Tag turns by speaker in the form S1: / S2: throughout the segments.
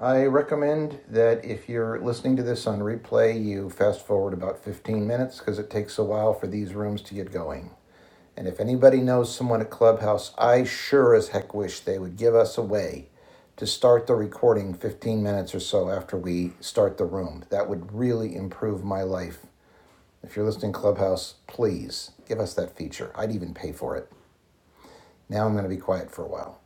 S1: I recommend that if you're listening to this on replay, you fast forward about 15 minutes because it takes a while for these rooms to get going. And if anybody knows someone at Clubhouse, I sure as heck wish they would give us a way to start the recording 15 minutes or so after we start the room. That would really improve my life. If you're listening Clubhouse, please give us that feature. I'd even pay for it. Now I'm going to be quiet for a while.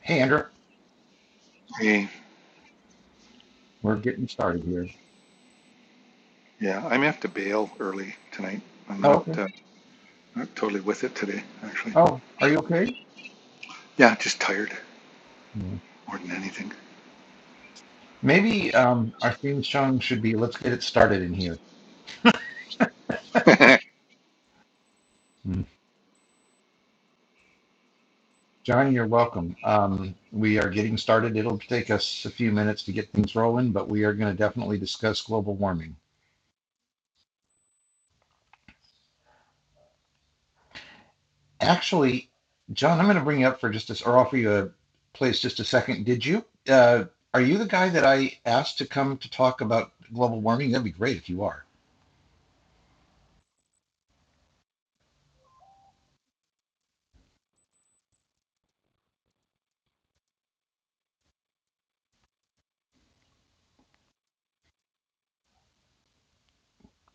S1: Hey, Andrew,
S2: Hey,
S1: we're getting started here.
S2: yeah, I may have to bail early tonight. I'm
S1: Oh,
S2: not
S1: okay.
S2: uh, not totally with it today, actually.
S1: Oh, are you okay?
S2: Yeah, just tired more than anything.
S1: Maybe um, our theme song should be "Let's get it started" in here. Mm. John, you're welcome. Um, we are getting started. It'll take us a few minutes to get things rolling, but we are going to definitely discuss global warming. Actually, John, I'm going to bring you up for just this, or offer you a place just a second. Did you? Uh, are you the guy that I asked to come to talk about global warming? That'd be great if you are.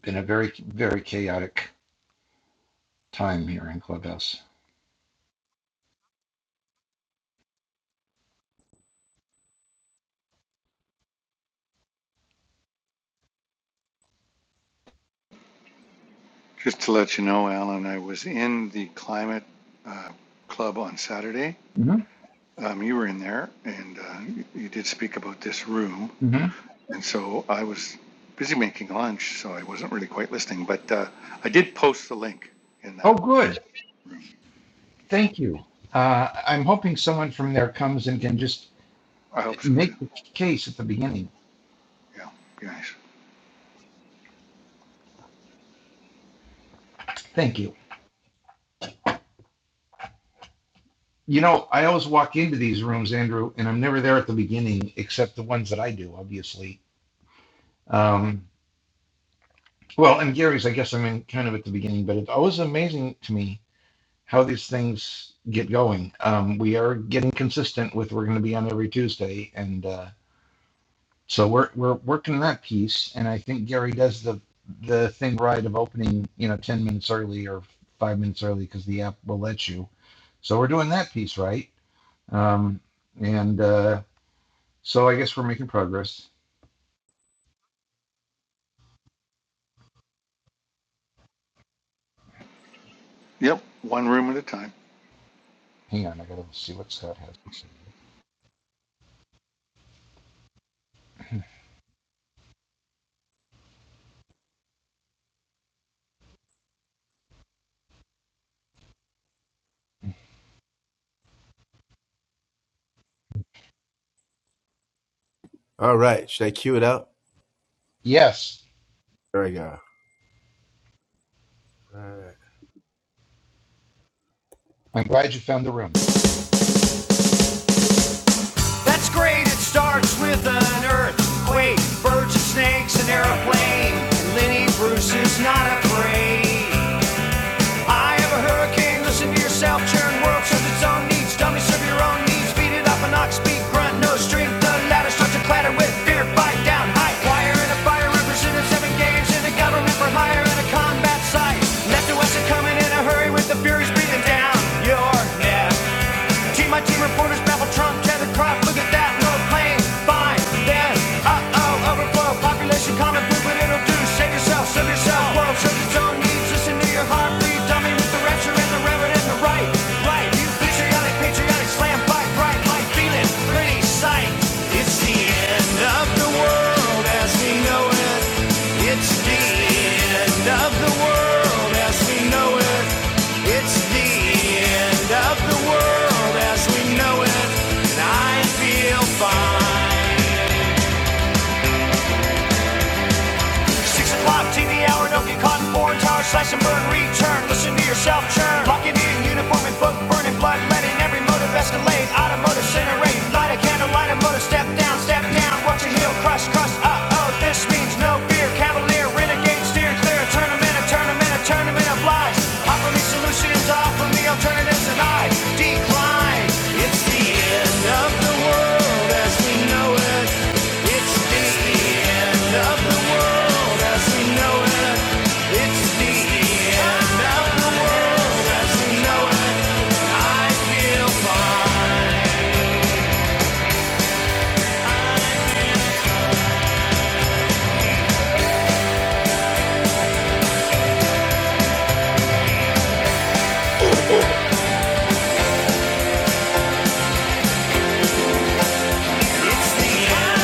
S1: In a very, very chaotic time here in Clubhouse.
S2: just to let you know, Alan, I was in the climate uh, club on Saturday.
S1: hmm
S2: Um, you were in there, and uh, you you did speak about this room,
S1: hmm
S2: and so I was busy making lunch, so I wasn't really quite listening. But uh, I did post the link in
S1: Oh,
S2: that
S1: good.
S2: room, so
S1: Thank you. Uh, I'm hoping someone from there comes and can just
S2: I hope so too.
S1: make the case at the beginning.
S2: Yeah, be nice.
S1: Thank you. You know, I always walk into these rooms, Andrew, and I'm never there at the beginning, except the ones that I do, obviously. Um, well, and Gary's, I guess I'm in kind of at the beginning, but it's always amazing to me how these things get going. Um, we are getting consistent with we're going to be on every Tuesday, and uh, So we're we're working on that piece, and I think Gary does the the thing right of opening, you know, ten minutes early or five minutes early because the app will let you. So we're doing that piece right, um, and uh, so I guess we're making progress.
S2: Yep, one room at a time.
S1: Hang on, I gotta see what Scott has to say.
S3: All right. Should I cue it up?
S1: Yes,
S3: There we go. All right.
S1: I'm glad you found the room.
S3: That's great. It starts with an earthquake, birds and snakes, an airplane. And Lenny Bruce is not afraid. I have a hurricane. Listen to yourself. Churn world serves its own needs. Dummy serve your own needs. Beat it up an ox beat grunt. No strength. The ladder starts to clatter with fear. Fight down high. Wire and a fire represented seven games in a government for hire and a combat site. Left to us are coming in a hurry with the furies breathing down your neck. Team, my team reporters babble Trump, Kevin Crop. Look at that, no plane. Fine, then. Uh oh, overflow. Population common, do what it'll do. Save yourself, serve yourself. World serves its own needs. Listen to your heartbeat. Dummy with the rapture and the reverend and the right. Right, you patriotic, patriotic, slam fight, right. Like feeling, pretty sight. It's the end of the world as we know it. It's the of the world as we know it. It's the end of the world as we know it. And I feel fine. Six o'clock TV hour, don't get caught in foreign tower, slash and burn, return. Listen to yourself churn. Locking in uniform and book, burning blood, letting every motive escalate. Automotive centerate, light a candle, light a motor, step down, step down. Watching heel crush, crush, uh oh. This means no fear. Cavalier, renegade, steer clear. A tournament, a tournament, a tournament of lies. Offer me solutions, offer From the alternatives and I decline. It's the end of the world as we know it. It's the end of the world as we know it. It's the end of the world as we know it. It's the end.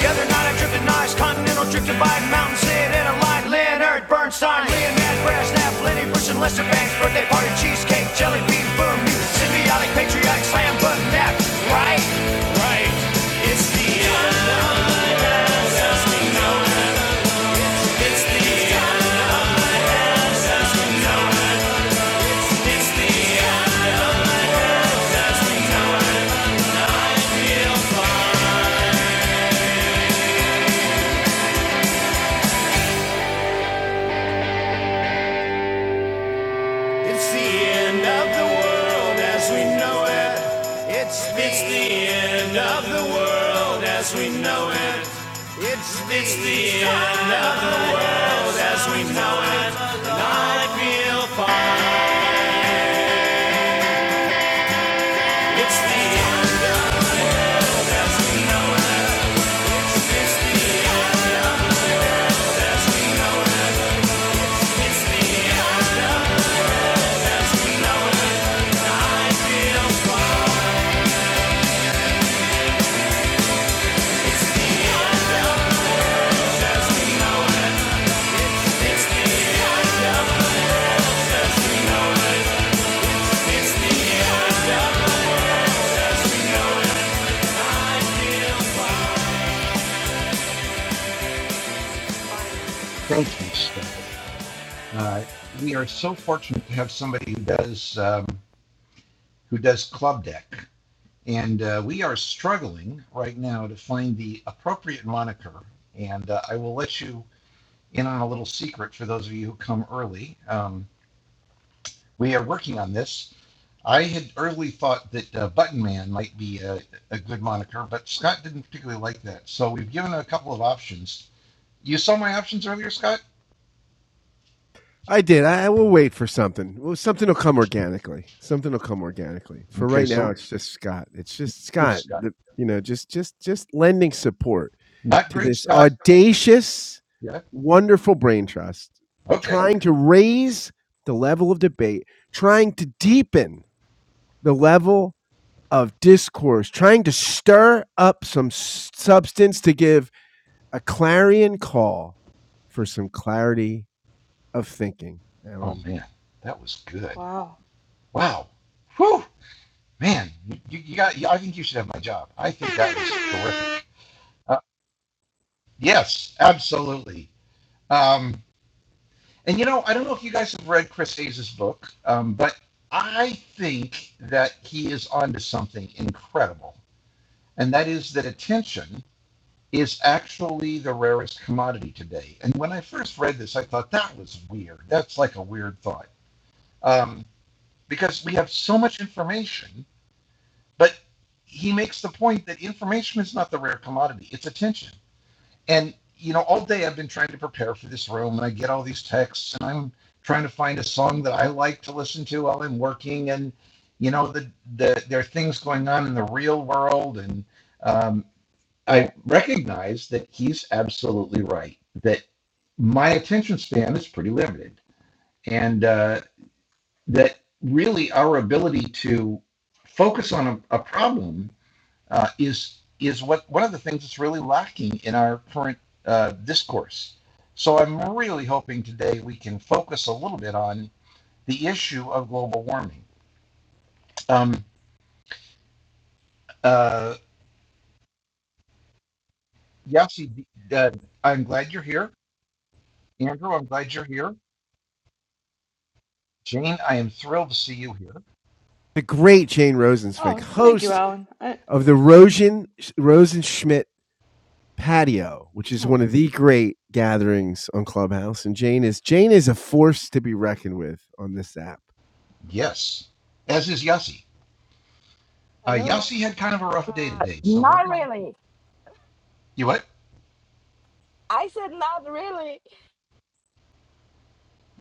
S3: The other night I drifted nice continental, drifted by Mountain Sid in a light. Leonard Bernstein, Leonard Brasnap, Lenny Bruce and Lester Banks, birthday party, cheesecake, jelly bean, boom, you symbiotic, patriotic, slam button nap, right? It's the end of the world as we know it. It's the, It's the end of the world as we know it. it's the, It's the it's the
S1: Thank you, Scott. Uh, we are so fortunate to have somebody who does um, who does club deck. And uh, we are struggling right now to find the appropriate moniker. And uh, I will let you in on a little secret for those of you who come early. Um, we are working on this. I had early thought that uh, Button Man might be a, a good moniker, but Scott didn't particularly like that. So we've given a couple of options. You saw my options earlier, Scott?
S3: I did. I, I will wait for something. Well, something will come organically. Something will come organically. For
S1: Okay,
S3: right now,
S1: so
S3: it's just Scott. It's just Scott.
S1: just Scott.
S3: The, you know, just just just lending support
S1: Not
S3: to
S1: great,
S3: this
S1: Scott.
S3: audacious,
S1: Yeah.
S3: wonderful brain trust,
S1: Okay.
S3: trying to raise the level of debate, trying to deepen the level of discourse, trying to stir up some s- substance to give a clarion call for some clarity of thinking.
S1: Oh,
S3: Alan,
S1: man. That was good.
S4: Wow.
S1: Wow. Whew. Man, you, you got. I think you should have my job. I think that was terrific. Uh, yes, absolutely. Um, and you know, I don't know if you guys have read Chris Hayes's book, um, but I think that he is onto something incredible, and that is that attention is actually the rarest commodity today. And when I first read this, I thought that was weird. That's like a weird thought um, because we have so much information But he makes the point that information is not the rare commodity, it's attention. And, you know, all day I've been trying to prepare for this room and I get all these texts and I'm trying to find a song that I like to listen to while I'm working. And, you know, the, the, there are things going on in the real world. And um, I recognize that he's absolutely right, that my attention span is pretty limited. And uh, that really our ability to focus on a, a problem uh, is is what one of the things that's really lacking in our current uh, discourse. So I'm really hoping today we can focus a little bit on the issue of global warming. Um, uh, Yasi, uh, I'm glad you're here. Andrew, I'm glad you're here. Jane, I am thrilled to see you here.
S3: the great Jane Rosenzweig,
S4: Oh, thank you,
S3: host
S4: Alan. I,
S3: of the Rosen Rosenschmidt Patio, which is one
S4: oh,
S3: of the great gatherings on Clubhouse. And Jane is Jane is a force to be reckoned with on this app.
S1: Yes, as is Yasi. Uh,
S4: Hello.
S1: Yasi had kind of a rough day
S5: Uh,
S1: today, so we're
S5: not
S1: going to.
S5: really.
S1: You what?
S5: I said not really.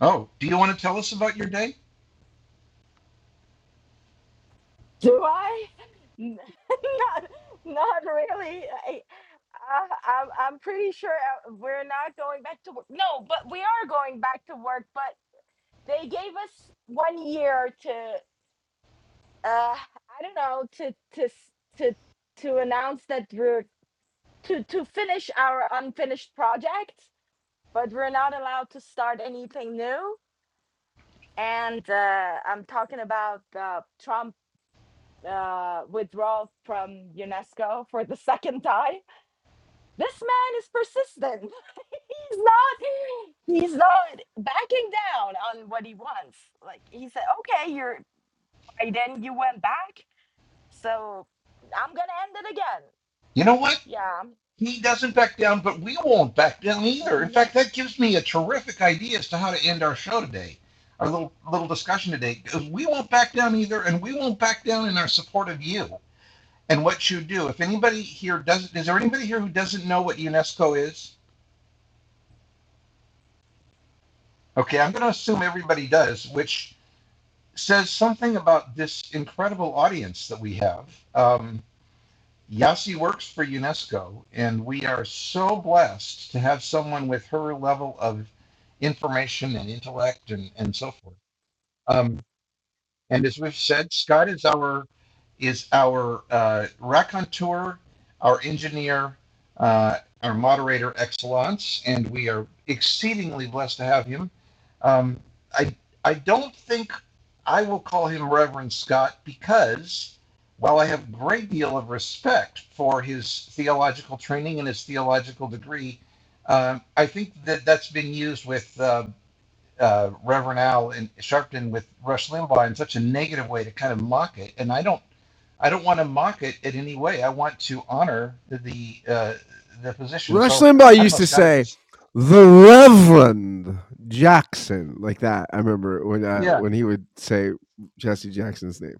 S1: Oh, do you want to tell us about your day?
S5: Do I? not, not really. I, uh, I'm, I'm pretty sure uh, we're not going back to work. No, but we are going back to work. But they gave us one year to, uh, I don't know, to to s- to to announce that we're to to finish our unfinished projects. But we're not allowed to start anything new and uh, I'm talking about uh, Trump uh, withdrawal from UNESCO for the second time. This man is persistent. He's not. He's not backing down on what he wants. Like he said, okay, you're Biden. You went back, so I'm gonna end it again.
S1: You know what?
S5: Yeah.
S1: He doesn't back down, but we won't back down either. In fact,
S5: No.
S1: that gives me a terrific idea as to how to end our show today, our little little discussion today. today. 'Cause we won't back down either, and we won't back down in our support of you and what you do. If anybody here doesn't, is there anybody here who doesn't know what UNESCO is? Okay, I'm going to assume everybody does, which says something about this incredible audience that we have. Um, Yossi works for UNESCO, and we are so blessed to have someone with her level of information and intellect and, and so forth. Um, and as we've said, Scott is our is our uh, raconteur, our engineer, uh, our moderator excellence, and we are exceedingly blessed to have him. Um, I I don't think I will call him Reverend Scott because while I have a great deal of respect for his theological training and his theological degree, um, I think that that's been used with uh, uh, Reverend Al and Sharpton with Rush Limbaugh in such a negative way to kind of mock it, and I don't I don't want to mock it in any way. I want to honor the uh, the position.
S3: Rush
S1: So
S3: Limbaugh
S1: I don't
S3: used
S1: know,
S3: to
S1: Scott, if
S3: say,
S1: it's
S3: "The Reverend Jackson," like that. I remember when uh,
S1: yeah,
S3: when he would say Jesse Jackson's name.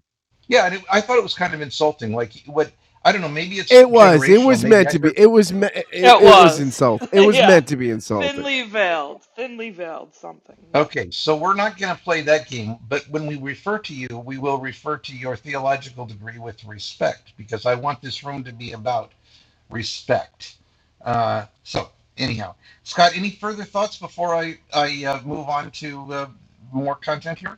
S1: yeah. And it, I thought it was kind of insulting. Like what I don't know. Maybe it's
S3: It was. It
S1: generational.
S3: was
S1: Maybe
S3: meant
S1: I
S3: to be.
S1: heard.
S3: It was. Me-
S4: it
S3: it, it was
S4: was.
S3: insult. It was
S4: yeah.
S3: meant to be insulting.
S4: Thinly veiled. Thinly veiled something, yes.
S1: Okay, so we're not going to play that game, but when we refer to you, we will refer to your theological degree with respect because I want this room to be about respect. Uh, so, anyhow, Scott, any further thoughts before I I uh, move on to uh, more content here?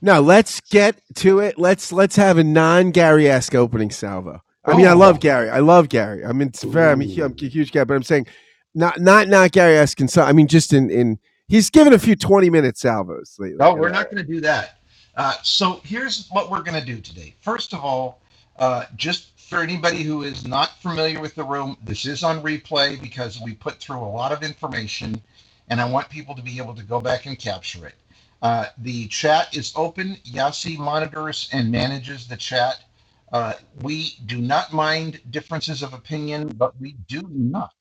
S3: No, let's get to it. Let's let's have a non Gary esque opening salvo. I mean, I love
S1: Ooh,
S3: Gary. I love Gary. I mean, it's very. I'm a, I'm a
S1: Ooh.
S3: huge guy, but I'm saying not not not Gary esque. So I mean, just in in he's given a few twenty minute salvos lately,
S1: No,
S3: and
S1: we're
S3: I,
S1: not going to do that. Uh, so here's what we're going to do today. First of all, uh, just for anybody who is not familiar with the room, this is on replay because we put through a lot of information, and I want people to be able to go back and capture it. Uh, the chat is open. Yasi monitors and manages the chat. Uh, we do not mind differences of opinion, but we do not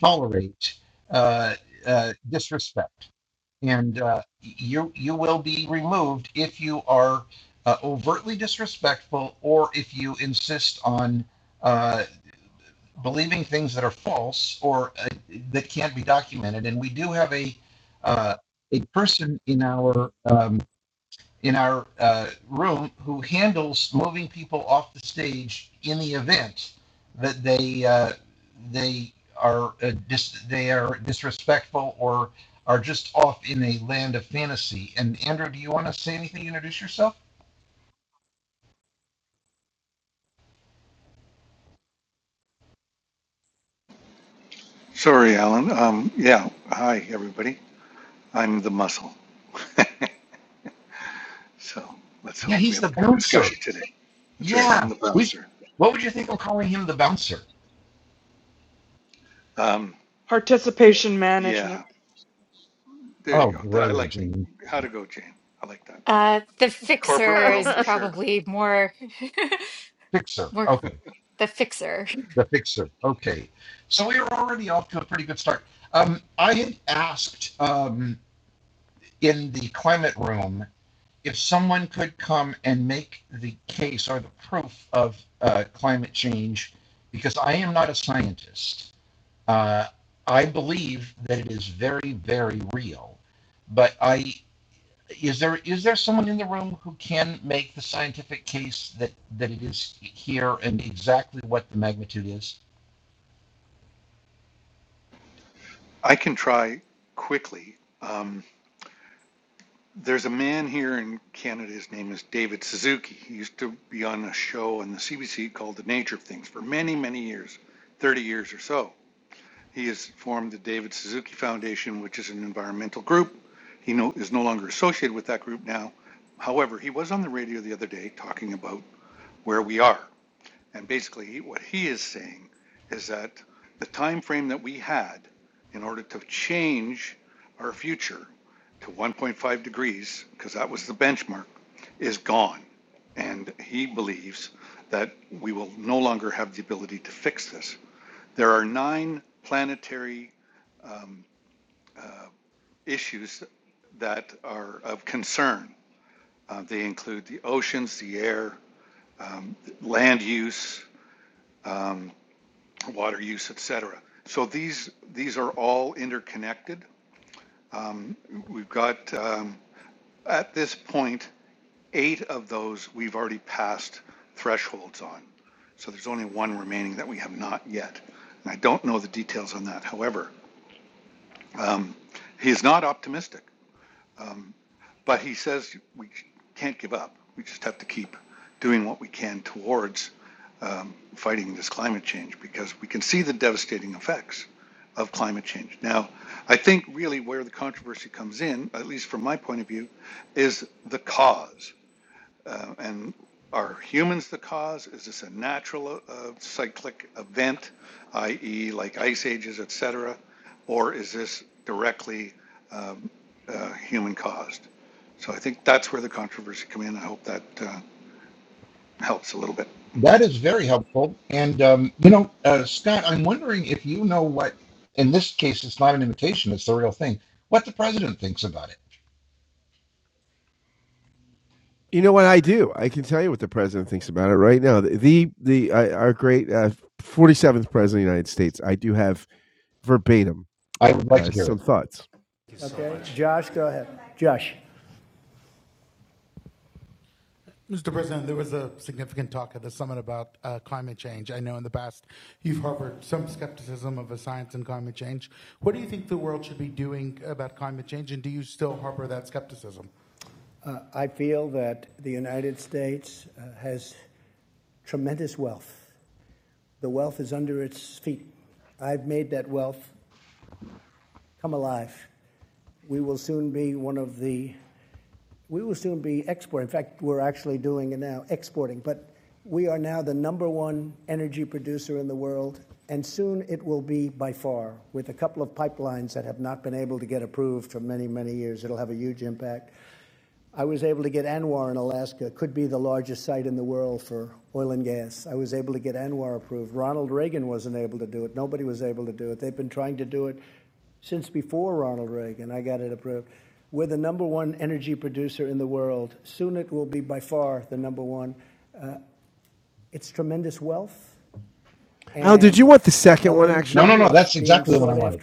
S1: tolerate uh, uh, disrespect and uh, you you will be removed if you are uh, overtly disrespectful or if you insist on uh, believing things that are false or uh, that can't be documented. And we do have a uh, a person in our um, in our uh, room who handles moving people off the stage in the event that they uh, they are uh, dis- they are disrespectful or are just off in a land of fantasy. And Andrew, do you want to say anything? Introduce yourself.
S2: Sorry, Alan. Um, yeah, hi, everybody. I'm the muscle. so let's
S1: Yeah,
S2: hope we
S1: he's
S2: have a
S1: the
S2: good
S1: bouncer.
S2: discussion today. That's right.
S1: Yeah,
S2: I'm the
S1: we.
S2: bouncer.
S1: What would you think of calling him the bouncer?
S2: Um,
S4: Participation
S2: yeah,
S4: management.
S2: there you
S1: Oh,
S2: go. I
S1: brother,
S2: like
S1: Gene.
S2: how to go, Jane. I like that.
S6: Uh, the
S2: Corporate
S6: fixer
S2: world
S6: is
S2: for sure.
S6: probably more
S1: Fixer.
S6: more
S1: Okay.
S6: the fixer.
S1: The fixer. Okay. So we were already off to a pretty good start. Um, I had asked um, in the climate room, if someone could come and make the case or the proof of uh, climate change, because I am not a scientist, uh, I believe that it is very, very real. But I is there is there someone in the room who can make the scientific case that that it is here and exactly what the magnitude is?
S2: I can try quickly. Um, there's a man here in Canada. His name is David Suzuki. He used to be on a show on the CBC called The Nature of Things for many, many years, 30 years or so He has formed the David Suzuki Foundation, which is an environmental group. He no, is no longer associated with that group now. However, he was on the radio the other day talking about where we are. And basically, what he is saying is that the time frame that we had in order to change our future to 1.5 degrees, because that was the benchmark, is gone. And he believes that we will no longer have the ability to fix this. There are nine planetary issues that are of concern. Uh, they include the oceans, the air, um, land use, um, water use, et cetera. So these, these are all interconnected. We've got, um, at this point, eight of those we've already passed thresholds on. So there's only one remaining that we have not yet. And I don't know the details on that. However, he's not optimistic. But he says we can't give up. We just have to keep doing what we can towards um, fighting this climate change because we can see the devastating effects of climate change. Now, I think really where the controversy comes in, at least from my point of view, is the cause. Uh, And are humans the cause? Is this a natural uh, cyclic event, i.e., like ice ages, et cetera? Or is this directly um, uh, human caused? So I think that's where the controversy come in. I hope that uh, helps a little bit.
S1: That is very helpful. And, um, you know, uh, Scott, I'm wondering if you know what, in this case, it's not an imitation, it's the real thing, what the president thinks about it.
S3: You know what I do? I can tell you what the president thinks about it right now. The the, the uh, our great forty seventh president of the United States. I do have verbatim
S1: I would like
S3: uh,
S1: to hear
S3: some
S1: it.
S3: thoughts. Okay. You want the second
S1: No, no, no, that's exactly the one I wanted.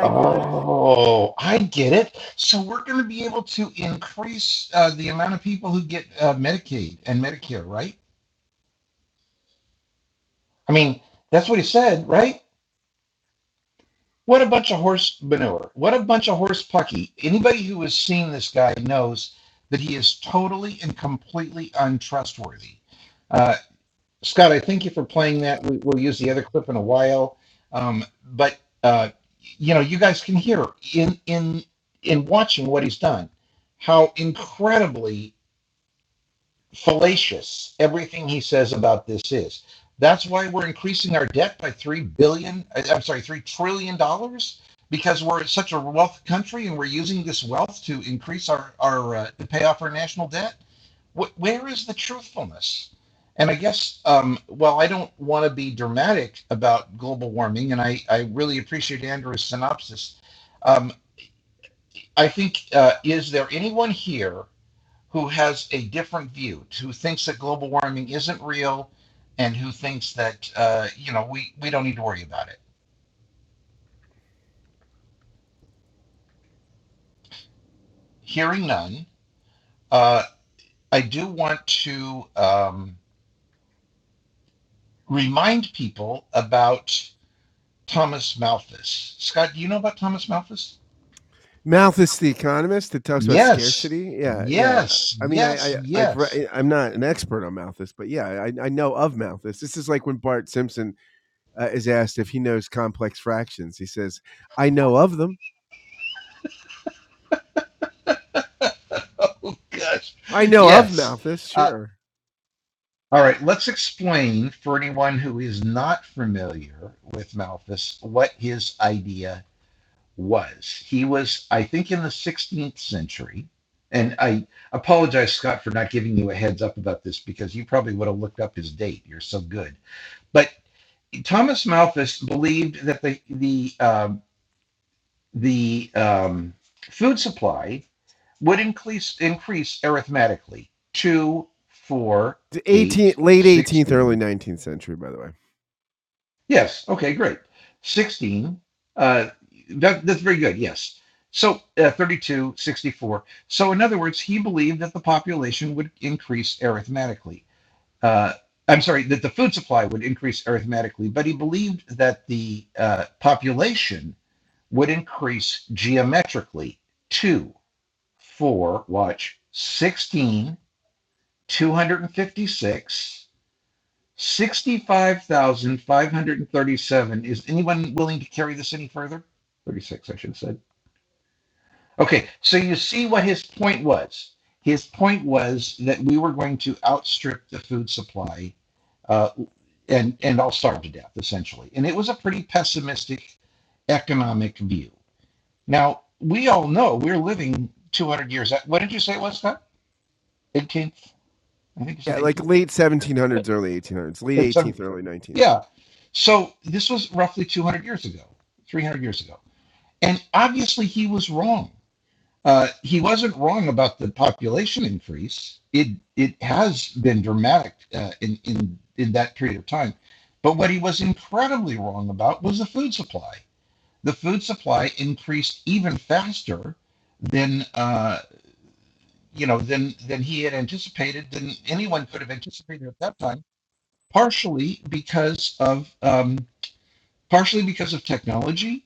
S1: Oh, I get it. So we're going to be able to increase uh, the amount of people who get uh, Medicaid and Medicare, right? I mean, that's what he said, right? What a bunch of horse manure. What a bunch of horse pucky. Anybody who has seen this guy knows that he is totally and completely untrustworthy. Uh, Scott, I thank you for playing that. We, we'll use the other clip in a while. Um, but, uh, you know, you guys can hear in, in, in watching what he's done how incredibly fallacious. Everything he says about this is. That's why we're increasing our debt by three billion. I- am sorry, three trillion dollars because we're such a wealth country and we're using this wealth to increase our our uh, to pay off our national debt. Wh- where is the truthfulness? And I guess, um, well, I don't want to be dramatic about global warming, and I, I really appreciate Andrew's synopsis. Um, I think, uh, is there anyone here who has a different view, who thinks that global warming isn't real, and who thinks that uh, you know we we don't need to worry about it. Hearing none, uh, I do want to um, remind people about Thomas Malthus. Scott, do you know about Thomas Malthus?
S3: Malthus, the economist, that talks about
S1: Yes,
S3: scarcity? Yeah, yeah.
S1: yes,
S3: I mean, I,
S1: yes,
S3: I I've
S1: yes,
S3: re- I'm not an expert on Malthus, but yeah, I, I know of Malthus. This is like when Bart Simpson uh, is asked if he knows complex fractions. He says, "I know of them.
S1: yes,
S3: I know of
S1: yes.
S3: Malthus.
S1: Uh,
S3: Sure."
S1: all right, let's explain for anyone who is not familiar with Malthus what his idea was. He was, I think, in the 16th century. And I apologize, Scott, for not giving you a heads up about this because you probably would have looked up his date. You're so good. But Thomas Malthus believed that the the um, the um, food supply would increase increase arithmetically two, four,
S3: The
S1: eight,
S3: 18th, late 18th, early
S1: sixteen.
S3: 19th century, by the way.
S1: Yes. Okay, great. 16. Uh, that, that's very good. Yes. So uh, 32, 64. So, in other words, he believed that the population would increase arithmetically. Uh, I'm sorry, that the food supply would increase arithmetically, but he believed that the uh, population would increase geometrically. Two, four, watch, 16, 256 sixty-five thousand five hundred and thirty-seven. Is anyone willing to carry this any further? Thirty-six, I should have said. Okay, so you see what his point was. His point was that we were going to outstrip the food supply uh, and and all starve to death essentially. And it was a pretty pessimistic economic view. Now we all know we're living 200 years. What did you say it was that? 18th? I think you said
S3: Yeah, like
S1: 18th.
S3: late 1700s, early 1800s,
S1: It's,
S3: late
S1: um,
S3: 18th, early 19th.
S1: yeah, So this was roughly 200 years ago, 300 years ago. And obviously he was wrong. Uh, he wasn't wrong about the population increase. It it has been dramatic uh, in in in that period of time. But what he was incredibly wrong about was the food supply. The food supply increased even faster than uh, you know than than he had anticipated, than anyone could have anticipated at that time. Partially because of um, partially because of technology,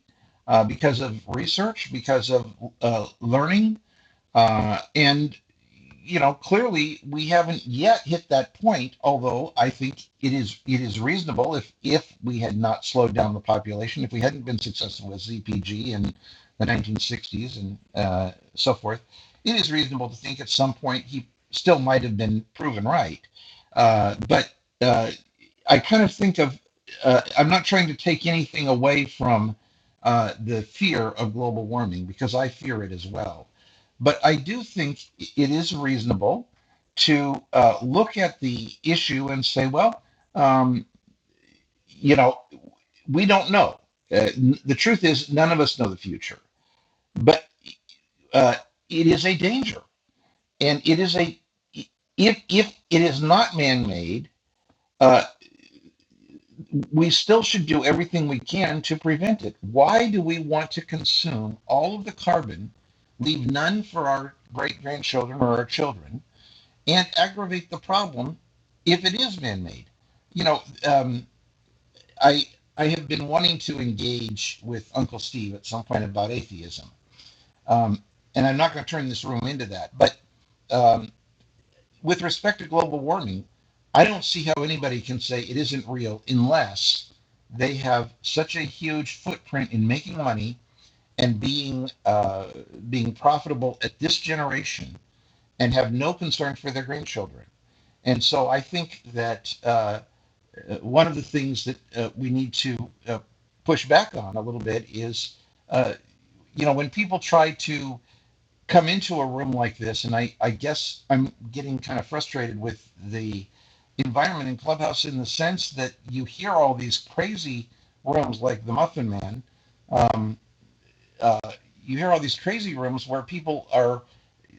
S1: uh, because of research, because of uh, learning, uh, and, you know, clearly we haven't yet hit that point, although I think it is it is reasonable if if we had not slowed down the population, if we hadn't been successful with ZPG in the 1960s and uh, so forth, it is reasonable to think at some point he still might have been proven right. Uh, but uh, I kind of think of, uh, I'm not trying to take anything away from uh, the fear of global warming because I fear it as well. But I do think it is reasonable to uh, look at the issue and say, well, um, you know, we don't know. Uh, n- the truth is, none of us know the future, but uh, it is a danger, and it is a if if it is not man-made, uh, we still should do everything we can to prevent it. Why do we want to consume all of the carbon, leave none for our great grandchildren or our children, and aggravate the problem if it is man-made. You know, um, I I have been wanting to engage with Uncle Steve at some point about atheism, um, and I'm not going to turn this room into that. But um, with respect to global warming, I don't see how anybody can say it isn't real unless they have such a huge footprint in making money and being uh, being profitable at this generation and have no concern for their grandchildren and so I think that uh, uh, one of the things that uh, we need to uh, push back on a little bit is, uh, you know, when people try to come into a room like this, and I, I guess I'm getting kind of frustrated with the environment in Clubhouse in the sense that you hear all these crazy rooms like the Muffin Man. Um, uh, you hear all these crazy rooms where people are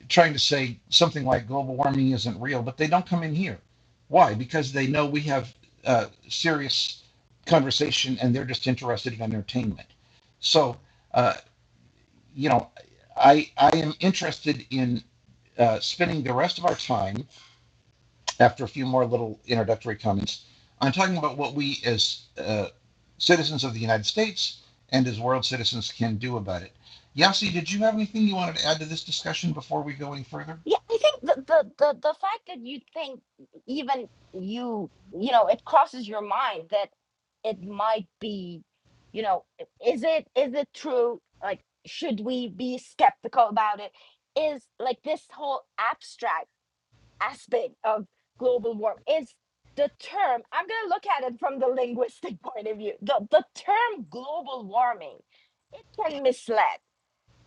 S1: trying to say something like global warming isn't real, but they don't come in here. Why? Because they know we have uh, serious conversation and they're just interested in entertainment. So, uh, you know, I, I am interested in uh, spending the rest of our time, after a few more little introductory comments, on talking about what we as uh, citizens of the United States and as world citizens can do about it. Yasi, did you have anything you wanted to add to this discussion before we go any further?
S5: Yeah, I think the, the the the fact that you think even you you know it crosses your mind that it might be you know i- is it is it true like should we be skeptical about it is like this whole abstract aspect of global warming is the term i'm going to look at it from the linguistic point of view the the term global warming it can mislead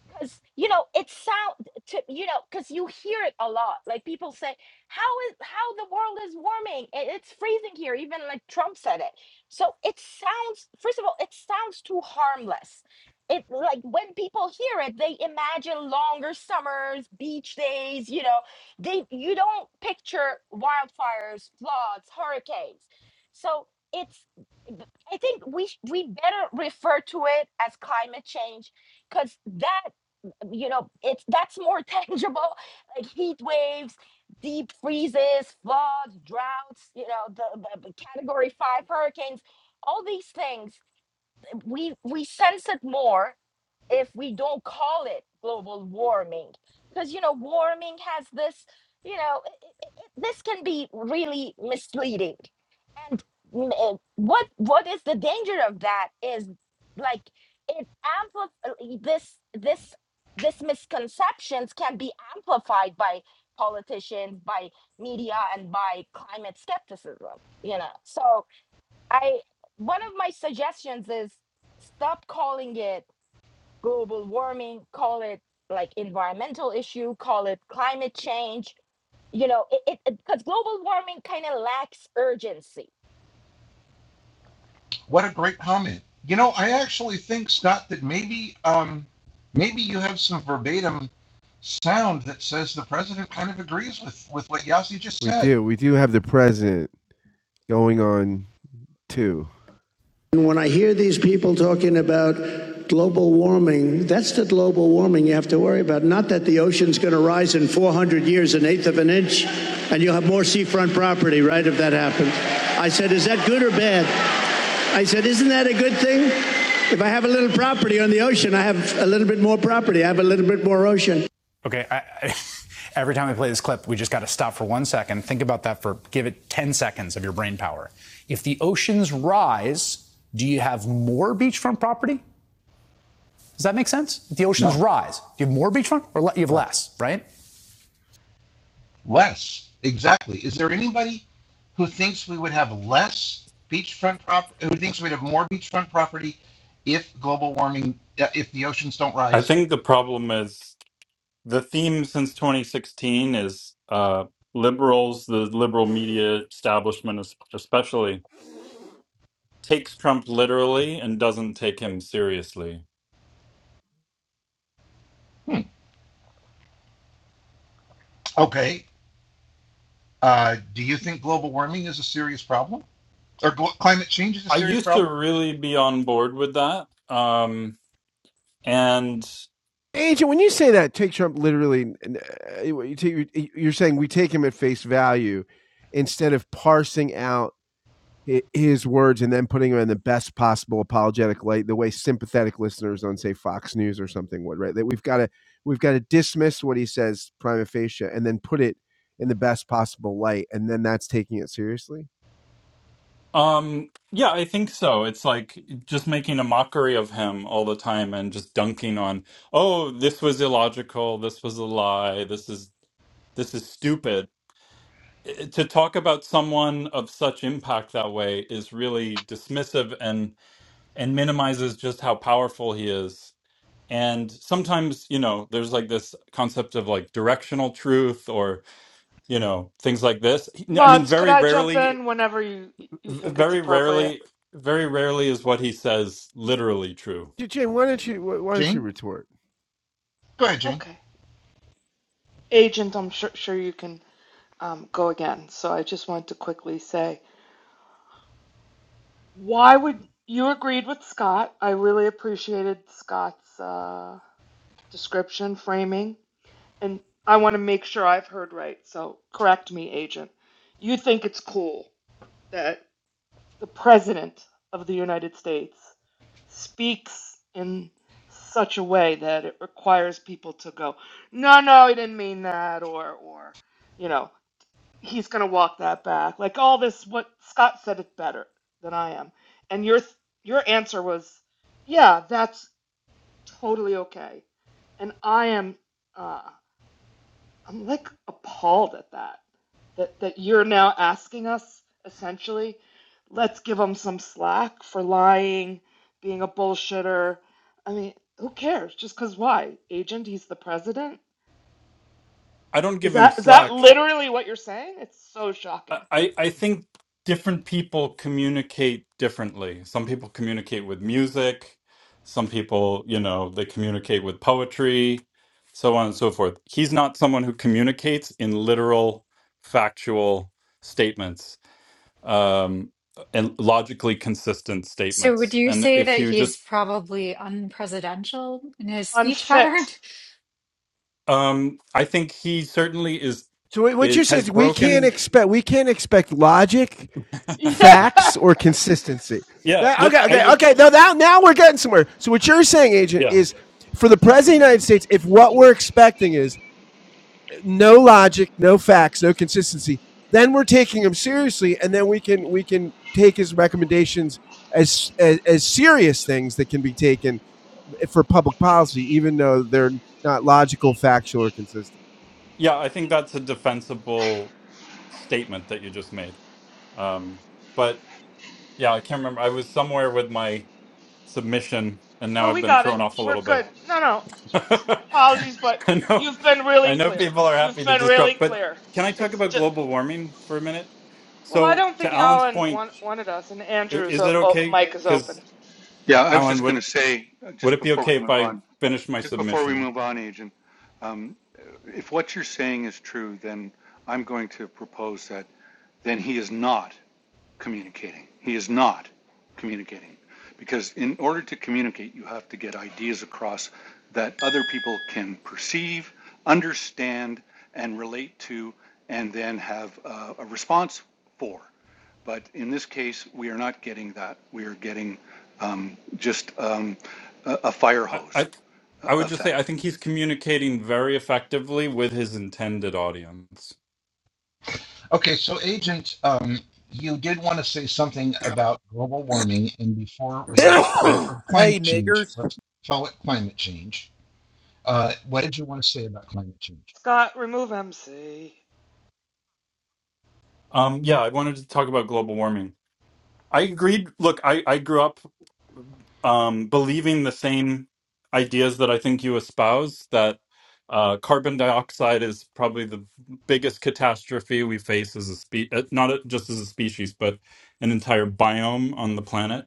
S5: because you know it sound to you know because you hear it a lot like people say how is how the world is warming I- it's freezing here even like trump said it so it sounds first of all it sounds too harmless it like when people hear it they imagine longer summers beach days you know they you don't picture wildfires floods hurricanes so it's b- i think we sh- we better refer to it as climate change because that you know it's that's more tangible like heat waves deep freezes floods droughts you know the, the, the category five hurricanes all these things we we sense it more if we don't call it global warming because you know warming has this you know i- i- i- this can be really misleading and mm, uh, what what is the danger of that is like it amplifies this this this misconceptions can be amplified by politicians by media and by climate skepticism you know so i one of my suggestions is stop calling it global warming, call it like environmental issue, call it climate change, you know, it because global warming kind of lacks urgency
S1: What a great comment. You know, I actually think, Scott, that maybe um, maybe you have some verbatim sound that says the president kind of agrees with, with what Yossi just
S3: We
S1: said.
S3: do. We do have the present going on too. Okay, I, I, every time we play this clip, we just got to stop for one second. Think about that for give it 10 seconds of your brain power. If the oceans rise, do you have more beachfront property? Does that make sense? If the oceans
S1: No,
S3: rise, do you have more beachfront or le- you have
S1: less.
S3: less, right?
S1: Less. Exactly. Is there anybody who thinks we would have less beachfront property, who thinks we'd have more beachfront property if global warming, uh, if the oceans don't
S7: I
S1: rise?
S7: think the problem is the theme since 2016 is uh, liberals, the liberal media establishment es- especially, takes Trump literally and doesn't take him seriously.
S1: Okay. Uh, do you think global warming is a serious problem? Or glo- climate change is a
S7: I
S1: serious
S7: used to
S1: problem?
S7: really be on board with that. Um, and
S3: Agent, when you say that, take Trump literally. uh, You take, you're saying we take him at face value instead of parsing out his words and then putting them in the best possible apologetic light the way sympathetic listeners on say fox news or something would right that we've got to we've got to dismiss what he says prima facie and then put it in the best possible light and then that's taking it seriously
S7: um, yeah, I think so. It's like just making a mockery of him all the time and just dunking on, oh, this was illogical, this was a lie, this is this is stupid to talk about someone of such impact that way is really dismissive and and minimizes just how powerful he is and sometimes you know there's like this concept of like directional truth or you know things like this He- i mean
S4: Mods, could
S7: very
S4: I jump
S7: rarely
S4: in whenever you, you think it's
S7: very
S4: appropriate?
S7: rarely very rarely is what he says literally true
S3: Jim, why don't you why don't you
S1: Jane?
S3: retort
S1: Go ahead, Jane.
S4: Okay. Agent, I'm sure, sure you can um, go again. So I just wanted to quickly say, why would you agreed with Scott? I really appreciated Scott's uh, description, framing. and I want to make sure I've heard right, so correct me, agent. You think it's cool that the President of the United States speaks in such a way that it requires people to go, no, no, he didn't mean that, or, or, you know, he's going to walk that back. Like all this, what Scott said it better than I am. And your, your answer was, yeah, that's totally okay. And I am. uh, I'm like appalled at that. That that you're now asking us essentially, let's give them some slack for lying, being a bullshitter. I mean, who cares? Just because why? Agent, he's the president.
S7: i don't
S4: Is
S7: give him
S4: that is that
S7: slack
S4: literally what you're saying? It's so
S7: I,
S4: shocking.
S7: I think different people communicate differently. Some people communicate with music, some people, you know, they communicate with poetry, so on and so forth. He's not someone who communicates in literal, factual statements um, and logically consistent
S6: So would
S7: statements.
S6: you
S7: And
S6: say
S7: if
S6: that
S7: you
S6: he's
S7: just,
S6: probably unpresidential in his speech pattern?
S4: Unfit.
S7: um, I think he certainly is,
S3: so what what
S7: is
S3: you said
S7: has
S3: is we can't
S7: broken.
S3: expect we can't expect logic
S4: Yeah.
S3: facts or consistency
S7: yeah,
S3: that,
S7: look,
S3: okay
S7: I,
S3: okay
S7: think,
S3: okay now, now now we're getting somewhere so what you're saying agent
S7: yeah,
S3: is for the president of the united states if what we're expecting is no logic, no facts, no consistency, then we're taking him seriously, and then we can we can take his recommendations as as, as serious things that can be taken for public policy, even though they're not logical, factual, or consistent.
S7: yeah. I think that's a defensible statement that you just made. Um, but yeah, I can't remember. I was somewhere with my submission, and now
S4: No,
S7: I've
S4: we
S7: been
S4: got it.
S7: thrown off a
S4: We're
S7: little bit.
S4: good. No, no.
S7: I
S4: Apologies, but
S7: know,
S4: you've been really
S7: I know
S4: clear.
S7: people are happy
S4: You've
S7: to
S4: been really
S7: disrupt, but
S4: clear.
S7: can I talk
S4: It's
S7: about
S4: just.
S7: global warming for a minute?
S4: Well, I
S7: So,
S4: don't
S7: to
S4: think
S7: Alan's
S4: Alan
S7: point,
S4: want, wanted us, and
S7: i-
S4: Andrew's
S7: is
S4: o-
S7: it
S4: o-
S7: okay?
S4: mic is open.
S7: Because
S2: Yeah, I was
S7: Alan,
S2: just going
S7: would
S2: to say, uh,
S7: would
S2: just
S7: it be
S2: before
S7: okay
S2: we
S7: if
S2: move
S7: I
S2: on,
S7: finish my
S2: just before we
S7: submission?
S2: move on, Agent, um, if what you're saying is true, then I'm going to propose that then he is not. communicating. He is not communicating. Because in order to communicate, you have to get ideas across that other people can perceive, understand, and relate to, and then have uh, a response for. But in this case, we are not getting that. We are getting um, just um, a, a fire
S7: I, I
S2: hose uh,
S7: I would just say I
S2: effect.
S7: think he's communicating very effectively with his intended audience.
S1: Okay, so Agent, um, you did want to say something about global warming, and before we, or, or
S8: hey
S1: climate change,
S8: niggers
S1: let's call it climate change. Uh, what did you want to say about climate change?
S4: Scott, remove MC.
S7: Um, yeah, I wanted to talk about global warming. I agreed. Look, I, I grew up um, believing the same ideas that I think you espouse that uh, carbon dioxide is probably the biggest catastrophe we face as a species, not a- just as a species, but an entire biome on the planet.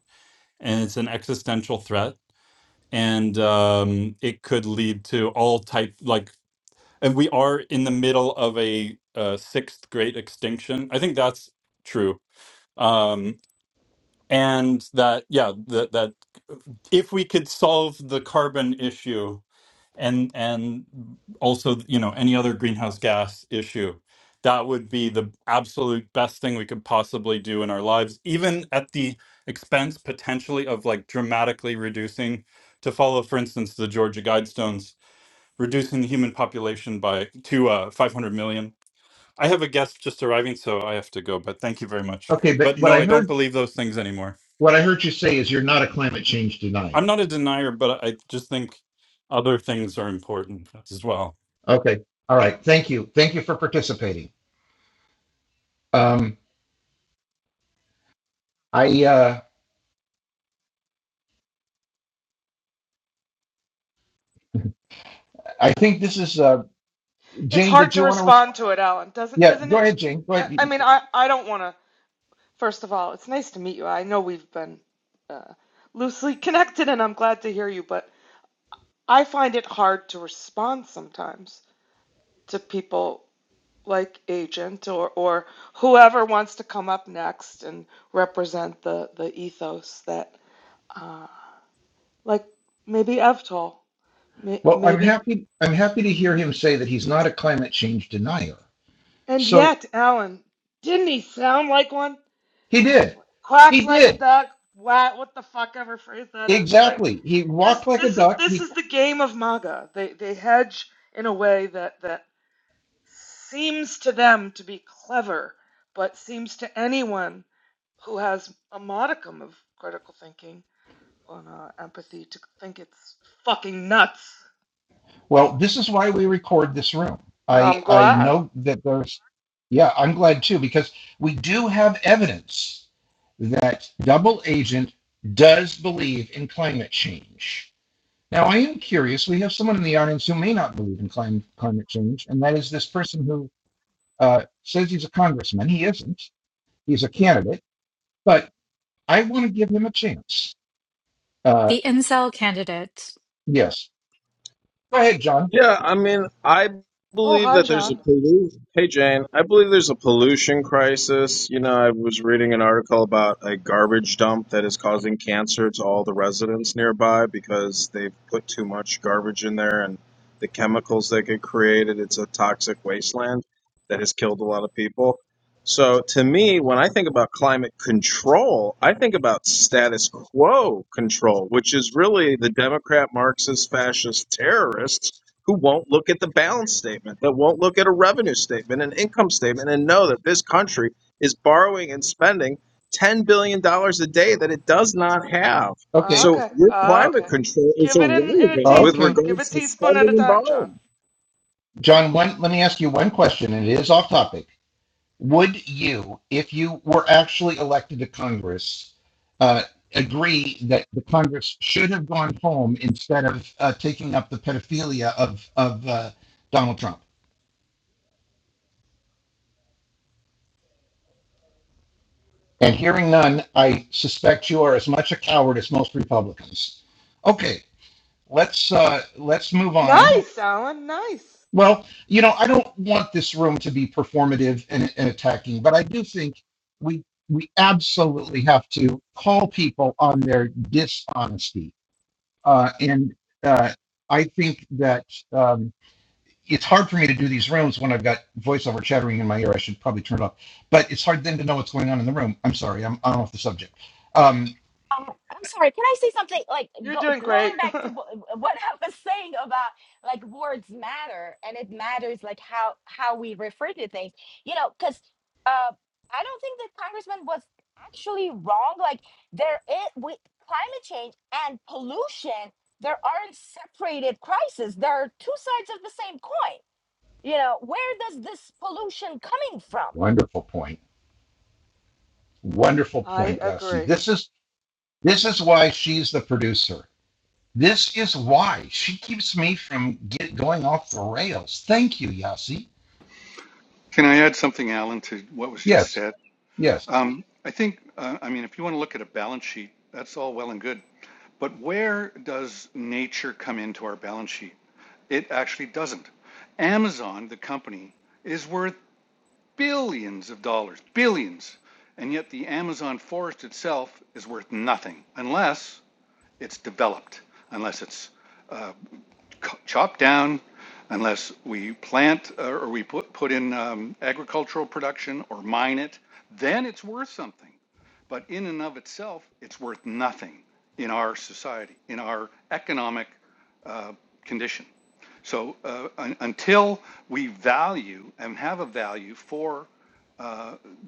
S7: And it's an existential threat. And um, it could lead to all type like, and we are in the middle of a uh, sixth great extinction. I think that's true. Um, and that yeah that that if we could solve the carbon issue and and also you know any other greenhouse gas issue that would be the absolute best thing we could possibly do in our lives even at the expense potentially of like dramatically reducing to follow for instance the georgia guidestones reducing the human population by to uh, 500 million i have a guest just arriving so i have to go but thank you very much
S1: Okay, but
S7: but
S1: what
S7: no
S1: I
S7: i don't
S1: heard,
S7: believe those things anymore
S1: what I heard you say is you're not a climate change
S7: I'm
S1: denier.
S7: not a denier, but I just think other things are important as well.
S1: Okay, all right, thank you, thank you for participating. Um, I, uh, I think this is uh,
S4: It's
S1: Jane.
S4: hard
S1: Did
S4: to
S1: you want to? respond?
S4: respond to it, Alan, doesn't
S1: yeah,
S4: isn't
S1: go
S4: it?
S1: ahead, Jane. Go
S4: I, I
S1: ahead.
S4: mean, I I don't want to. First of all, it's nice to meet you. I know we've been uh, loosely connected, and I'm glad to hear you. But I find it hard to respond sometimes to people like Agent or or whoever wants to come up next and represent the the ethos that uh, like maybe Evtol. May-
S1: Well, I'm
S4: Maybe.
S1: happy. I'm happy to hear
S4: mhm.
S1: him say that he's not a climate change denier.
S4: And
S1: So
S4: yet, Alan, didn't he sound like one?
S1: He did.
S4: Quacks
S1: He
S4: like a
S1: did.
S4: duck. What? What the fuck ever phrase that is? Like
S1: Exactly. He
S4: this.
S1: walked like a
S4: This is
S1: duck.
S4: this
S1: He
S4: is the game of MAGA. They they hedge in a way that that seems to them to be clever, but seems to anyone who has a modicum of critical thinking and uh, empathy to think it's fucking nuts.
S1: well, this is why we record this room.
S4: No,
S1: I
S4: I'm
S1: I
S4: glad.
S1: know that there's yeah, I'm glad too because we do have evidence that double agent does believe in climate change. Now, I am curious. We have someone in the audience who may not believe in climate climate change, and that is this person who uh, says he's a congressman. He isn't. He's a candidate, but I want to give him a chance. Uh,
S6: The incel candidate.
S1: yes. Go ahead, John.
S9: Yeah, I mean, I
S4: Oh,
S9: believe
S4: hi,
S9: that there's a
S4: John.
S9: pollu- hey Jane, I believe there's a pollution crisis. You know, I was reading an article about a garbage dump that is causing cancer to all the residents nearby because they've put too much garbage in there and the chemicals that get created, it's a toxic wasteland that has killed a lot of people. So to me, when I think about climate control, I think about status quo control, which is really the Democrat, Marxist, fascist terrorists who won't look at the balance statement, that won't look at a revenue statement, an income statement, and know that this country is borrowing and spending $10 billion dollars a day that it does not have.
S1: Okay.
S9: So
S4: Okay,
S9: your
S1: Uh,
S9: climate
S4: okay.
S9: control is
S4: Give it in, in a
S9: irrelevant with
S1: okay.
S4: teaspoon. Give a
S9: regards to
S4: teaspoon at
S9: spending
S4: a
S9: and
S4: time, John.
S9: borrowing.
S1: John, one, let me ask you one question, and it is off topic. Would you, if you were actually elected to Congress, uh, agree that the Congress should have gone home instead of uh, taking up the pedophilia of, of uh, Donald Trump? And hearing none, I suspect you are as much a coward as most Republicans. Okay, let's uh, let's move on.
S4: Nice, Alan. Nice.
S1: Well, you know, I don't want this room to be performative and, and attacking, but I do think we we absolutely have to call people on their dishonesty. Uh, and uh, I think that um, it's hard for me to do these rooms when I've got voiceover chattering in my ear. I should probably turn it off, but it's hard then to know what's going on in the room. I'm sorry, I'm, I'm off the subject. Um,
S5: Oh, I'm sorry. Can I say something? Like
S4: You're
S5: go,
S4: doing
S5: going
S4: great.
S5: back to wh- what I was saying about like words matter, and it matters like how how we refer to things. You know, because uh, I don't think the congressman was actually wrong. Like there is with climate change and pollution, there aren't separated crises. There are two sides of the same coin. You know, where does this pollution coming from?
S1: wonderful point. Wonderful
S4: I
S1: point, Yossi.
S4: agree.
S1: This is this is why she's the producer This is why she keeps me from get going off the rails. Thank you, Yasi.
S2: Can I add something, Alan, to what was just
S1: Yes,
S2: said?
S1: yes,
S2: Um, I think, uh, I mean, if you want to look at a balance sheet, that's all well and good, But where does nature come into our balance sheet? It actually doesn't. Amazon, the company, is worth billions of dollars, billions. And yet the Amazon forest itself is worth nothing unless it's developed, unless it's c- chop down unless we plant uh, or we put, put in um, agricultural production or mine it, then it's worth something. But in and of itself, it's worth nothing in our society, in our economic uh, condition. So uh, un- until we value and have a value for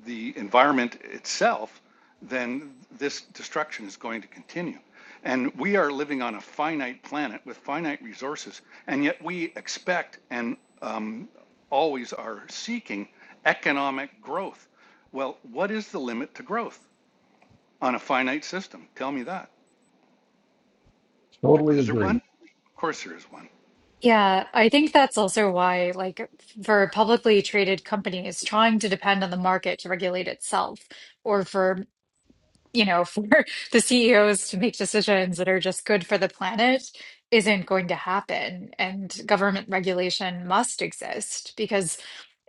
S2: the environment itself, then this destruction is going to continue. And we are living on a finite planet with finite resources, and yet we expect and um, always are seeking economic growth. Well, what is the limit to growth on a finite system? Tell me that.
S1: totally
S2: Is there
S1: agree.
S2: one? Of course, there is one.
S6: Yeah, I think that's also why, like, for publicly traded companies trying to depend on the market to regulate itself, or for you know, for the CEOs to make decisions that are just good for the planet isn't going to happen. And government regulation must exist because,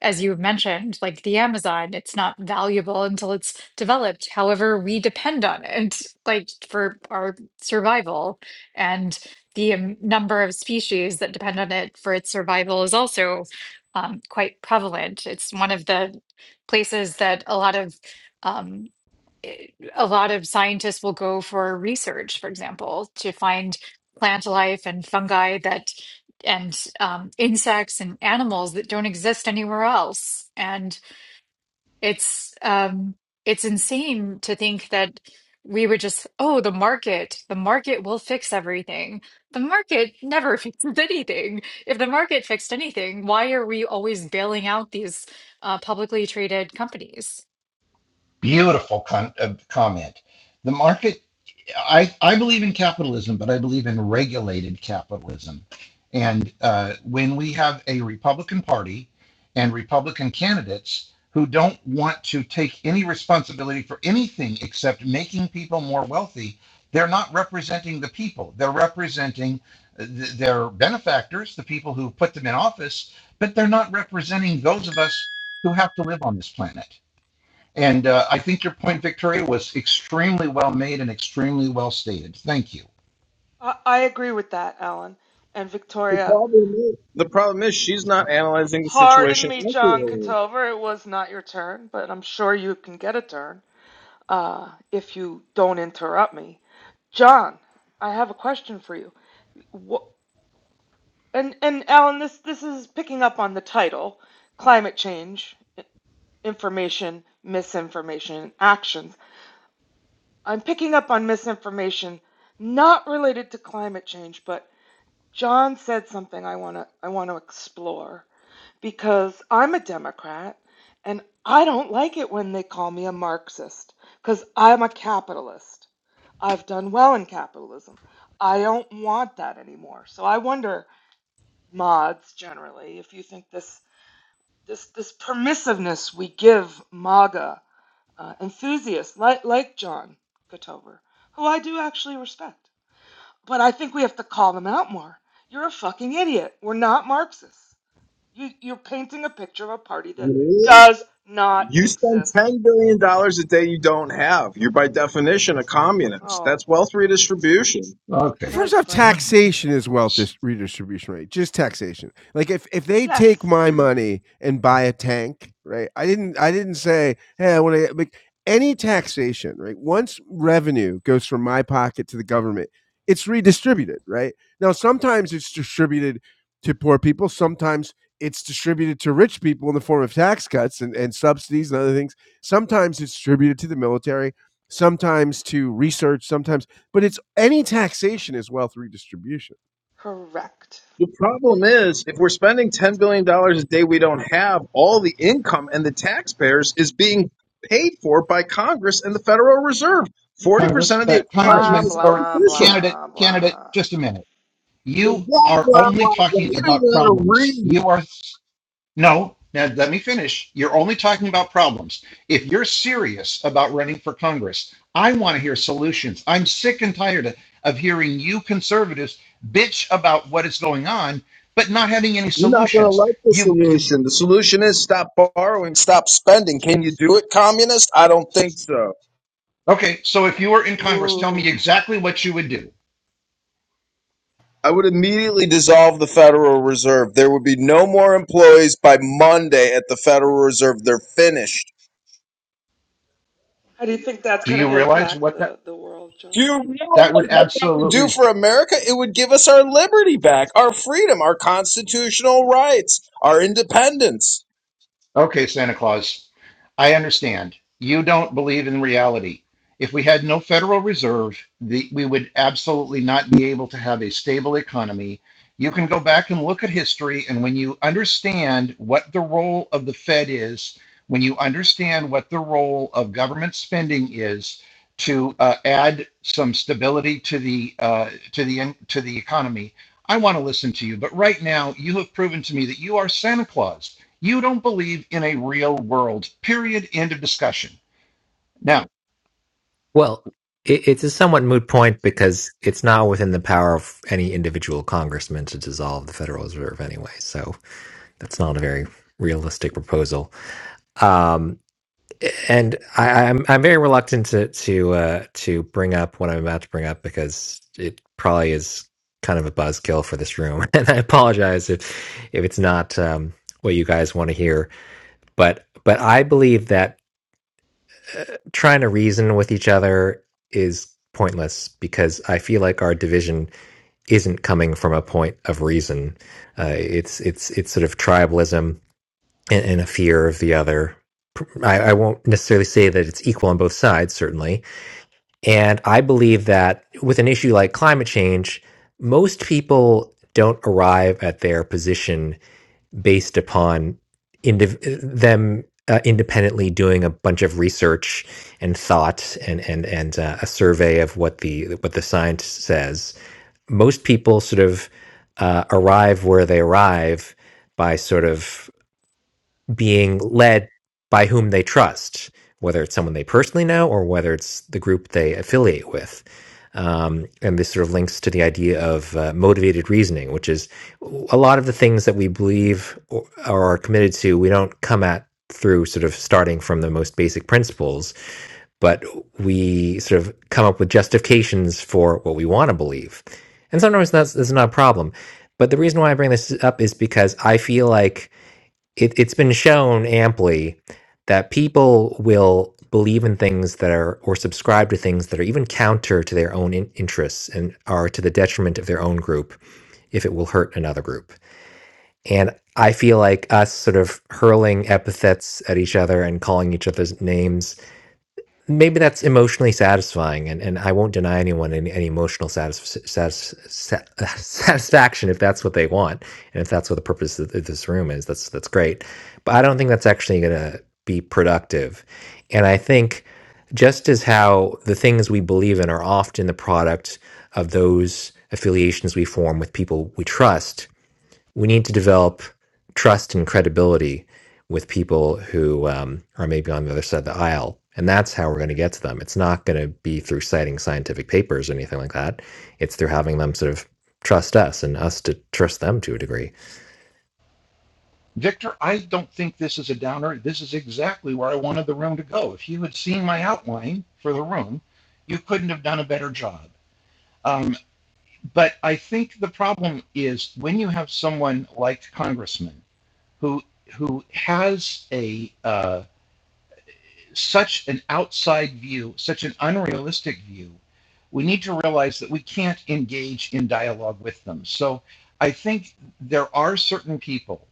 S6: as you mentioned, like the Amazon, it's not valuable until it's developed. However, we depend on it, like for our survival. And the um, number of species that depend on it for its survival is also um, quite prevalent. It's one of the places that a lot of um, it- a lot of scientists will go for research, for example, to find plant life and fungi that and um, insects and animals that don't exist anywhere else. And it's um, it's insane to think that we would just, oh, the market, the market will fix everything. The market never fixes anything. If the market fixed anything, why are we always bailing out these uh, publicly traded companies?
S1: Beautiful con- uh, comment. The market, I, I believe in capitalism, but I believe in regulated capitalism. And uh, when we have a Republican Party and Republican candidates who don't want to take any responsibility for anything except making people more wealthy, they're not representing the people. They're representing uh, th- their benefactors, the people who put them in office, but they're not representing those of us who have to live on this planet. And uh, I think your point, Victoria, was extremely well made and extremely well stated. Thank you.
S4: I, I agree with that, Alan. And
S9: The
S4: Victoria,
S9: problem is, the problem is she's not analyzing the
S4: pardon
S9: situation
S4: me, John
S9: accurately.
S4: Cotover. It was not your turn, but I'm sure you can get a turn uh, if you don't interrupt me. John, I have a question for you. Wh- and and Alan, this this is picking up on the title, climate change. information, misinformation, and actions. I'm picking up on misinformation not related to climate change, but John said something I want to I want to explore because I'm a Democrat and I don't like it when they call me a Marxist cuz I'm a capitalist. I've done well in capitalism. I don't want that anymore. So I wonder mods generally if you think this this this permissiveness we give MAGA uh, enthusiasts like, like John Gotover, who I do actually respect. But I think we have to call them out more. You're a fucking idiot. We're not Marxists. You, you're painting a picture of a party that
S9: Really?
S4: does not
S9: You spend
S4: exist.
S9: $10 billion dollars a day you don't have. You're by definition a communist.
S4: Oh,
S9: That's wealth redistribution.
S1: Okay,
S3: First
S4: nice
S3: off,
S4: frame.
S3: taxation is wealth dis- redistribution rate. Just taxation. Like if if they
S4: Yes,
S3: take my money and buy a tank, right? I didn't I didn't say, hey, I want to like any taxation, right? Once revenue goes from my pocket to the government, it's redistributed, right? Now sometimes it's distributed to poor people, sometimes it's distributed to rich people in the form of tax cuts and, and subsidies and other things. Sometimes it's distributed to the military, sometimes to research, sometimes but it's any taxation is wealth redistribution.
S4: correct.
S9: The problem is, if we're spending $10 billion dollars a day, we don't have all the income and the taxpayers is being paid for by Congress and the Federal Reserve.
S1: Congress,
S9: 40% of the
S1: uh,
S9: economy
S4: Blah,
S1: Congressman
S9: is
S1: or
S4: blah,
S9: artificial.
S1: candidate,
S4: blah,
S1: candidate,
S4: blah.
S1: just a minute.
S9: And
S1: You
S9: blah,
S1: are
S9: blah,
S1: only
S9: blah, blah.
S1: talking
S9: You don't even
S1: about
S9: know how to
S1: problems.
S9: read.
S1: You are no. Now let me finish. You're only talking about problems. If you're serious about running for Congress, I want to hear solutions. I'm sick and tired of of hearing you conservatives bitch about what is going on, but not having any
S9: You're not going to
S1: solutions.
S9: like the
S1: You you
S9: solution. The solution is stop borrowing, stop spending. Can you do it, communist? I don't think so.
S1: Okay, so if you were in Congress, tell me
S4: Ooh.
S1: exactly what you would do.
S9: I would immediately dissolve the Federal Reserve. There would be no more employees by Monday at the Federal Reserve. They're finished.
S4: How do you think that's
S1: Do
S4: going
S1: you
S4: to
S1: realize
S4: impact
S1: what that
S4: the, the world,
S9: Do
S4: John?
S9: you
S1: that
S9: realize
S1: would
S9: what that would do
S1: absolutely
S9: for America? It would give us our liberty back, our freedom, our constitutional rights, our independence.
S1: Okay, Santa Claus, I understand. You don't believe in reality. If we had no Federal Reserve, the, we would absolutely not be able to have a stable economy. You can go back and look at history, and when you understand what the role of the Fed is, when you understand what the role of government spending is to uh, add some stability to the uh, to the to the economy, I want to listen to you. But right now, you have proven to me that you are Santa Claus you don't believe in a real world, period. End of discussion. Now,
S10: Well, it, it's a somewhat moot point because it's not within the power of any individual congressman to dissolve the Federal Reserve anyway. So that's not a very realistic proposal. Um, and I, I'm I'm very reluctant to to uh, to bring up what I'm about to bring up because it probably is kind of a buzzkill for this room. And I apologize if if it's not um, what you guys want to hear. But but I believe that trying to reason with each other is pointless because I feel like our division isn't coming from a point of reason. Uh, it's it's it's sort of tribalism and, and a fear of the other. I, I won't necessarily say that it's equal on both sides, certainly. And I believe that with an issue like climate change, most people don't arrive at their position based upon indiv- them uh, independently doing a bunch of research and thought and and and uh, a survey of what the what the science says. Most people sort of uh, arrive where they arrive by sort of being led by whom they trust, whether it's someone they personally know or whether it's the group they affiliate with. Um, and this sort of links to the idea of uh, motivated reasoning, which is a lot of the things that we believe or, or are committed to, we don't come at through sort of starting from the most basic principles, but we sort of come up with justifications for what we want to believe. And sometimes that's, that's not a problem. But the reason why I bring this up is because I feel like it, it's been shown amply that people will believe in things that are or subscribe to things that are even counter to their own in- interests and are to the detriment of their own group if it will hurt another group and i feel like us sort of hurling epithets at each other and calling each other's names maybe that's emotionally satisfying and, and i won't deny anyone any, any emotional satis- satis- sat- satisfaction if that's what they want and if that's what the purpose of th- this room is that's that's great but i don't think that's actually going to be productive and i think just as how the things we believe in are often the product of those affiliations we form with people we trust we need to develop trust and credibility with people who um, are maybe on the other side of the aisle. And that's how we're going to get to them. It's not going to be through citing scientific papers or anything like that. It's through having them sort of trust us and us to trust them to a degree.
S1: Victor, I don't think this is a downer. This is exactly where I wanted the room to go. If you had seen my outline for the room, you couldn't have done a better job. Um, but I think the problem is when you have someone like Congressman who who has a uh, such an outside view, such an unrealistic view, we need to realize that we can't engage in dialogue with them. So I think there are certain people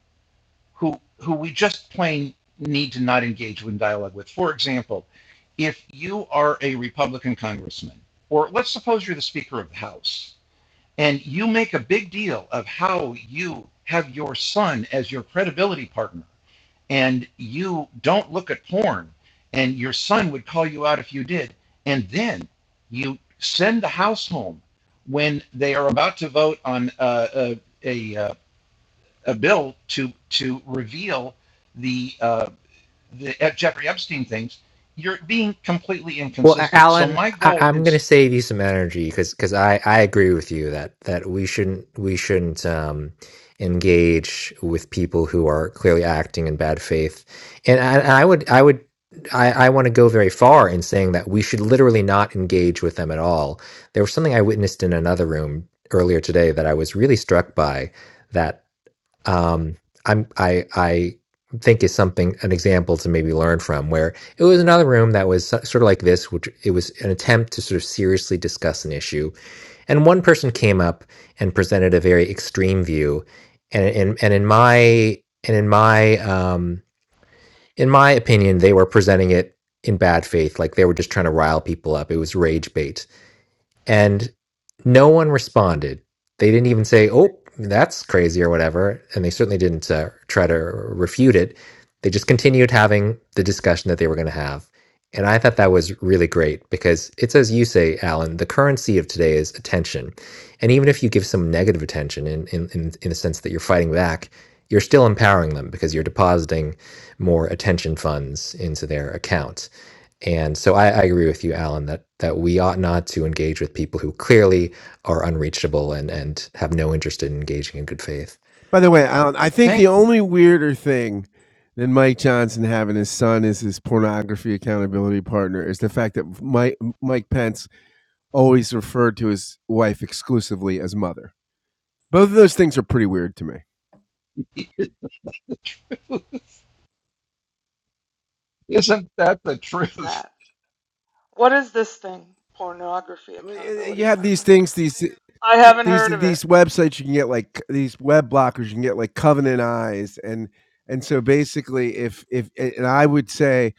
S1: who who we just plain need to not engage in dialogue with. For example, if you are a Republican congressman, or let's suppose you're the Speaker of the House, and you make a big deal of how you have your son as your credibility partner and you don't look at porn and your son would call you out if you did and then you send the house home when they are about to vote on uh, a, a, uh, a bill to to reveal the uh, the uh, Jeffrey Epstein things you're being completely
S10: Well, A-
S1: inconsistent so
S10: Alan,
S1: my
S10: I,
S1: goal
S10: I'm going to
S1: is
S10: save you some energy because because I, I agree with you that that we shouldn't we shouldn't um, engage with people who are clearly acting in bad faith, and I, and I would I would I, I want to go very far in saying that we should literally not engage with them at all. There was something I witnessed in another room earlier today that I was really struck by um, I'm I I think is something an example to maybe learn from where it was another room that was so- sort of like this which it was an attempt to sort of seriously discuss an issue and one person came up and presented a very extreme view and and, and in my and in my um in my opinion they were presenting it in bad faith like they were just trying to rile people up it was rage bait and no one responded. They didn't even say, "Oh, that's crazy" or whatever, and they certainly didn't uh, try to refute it. They just continued having the discussion that they were going to have, and I thought that was really great because it's as you say, Alan. The currency of today is attention, and even if you give some negative attention in in in, in the sense that you're fighting back. You're still empowering them because you're depositing more attention funds into their account and so I, I agree with you, Alan, that that we ought not to engage with people who clearly are unreachable and and have no interest in engaging in good faith.
S3: By the way, Alan, I think the
S1: thank you
S3: only weirder thing than Mike Johnson having his son as his pornography accountability partner is the fact that Mike, Mike Pence always referred to his wife exclusively as mother. Both of those things are pretty weird to me.
S1: isn't that the
S4: What's
S1: truth
S4: that? What is this thing? Pornography
S3: Well, eh, eh,
S4: accountability
S3: You have these
S4: partner.
S3: things, these
S4: I haven't
S3: these
S4: heard of it.
S3: these websites you can get like these web blockers you can get like Covenant Eyes and and so basically if if and I would say,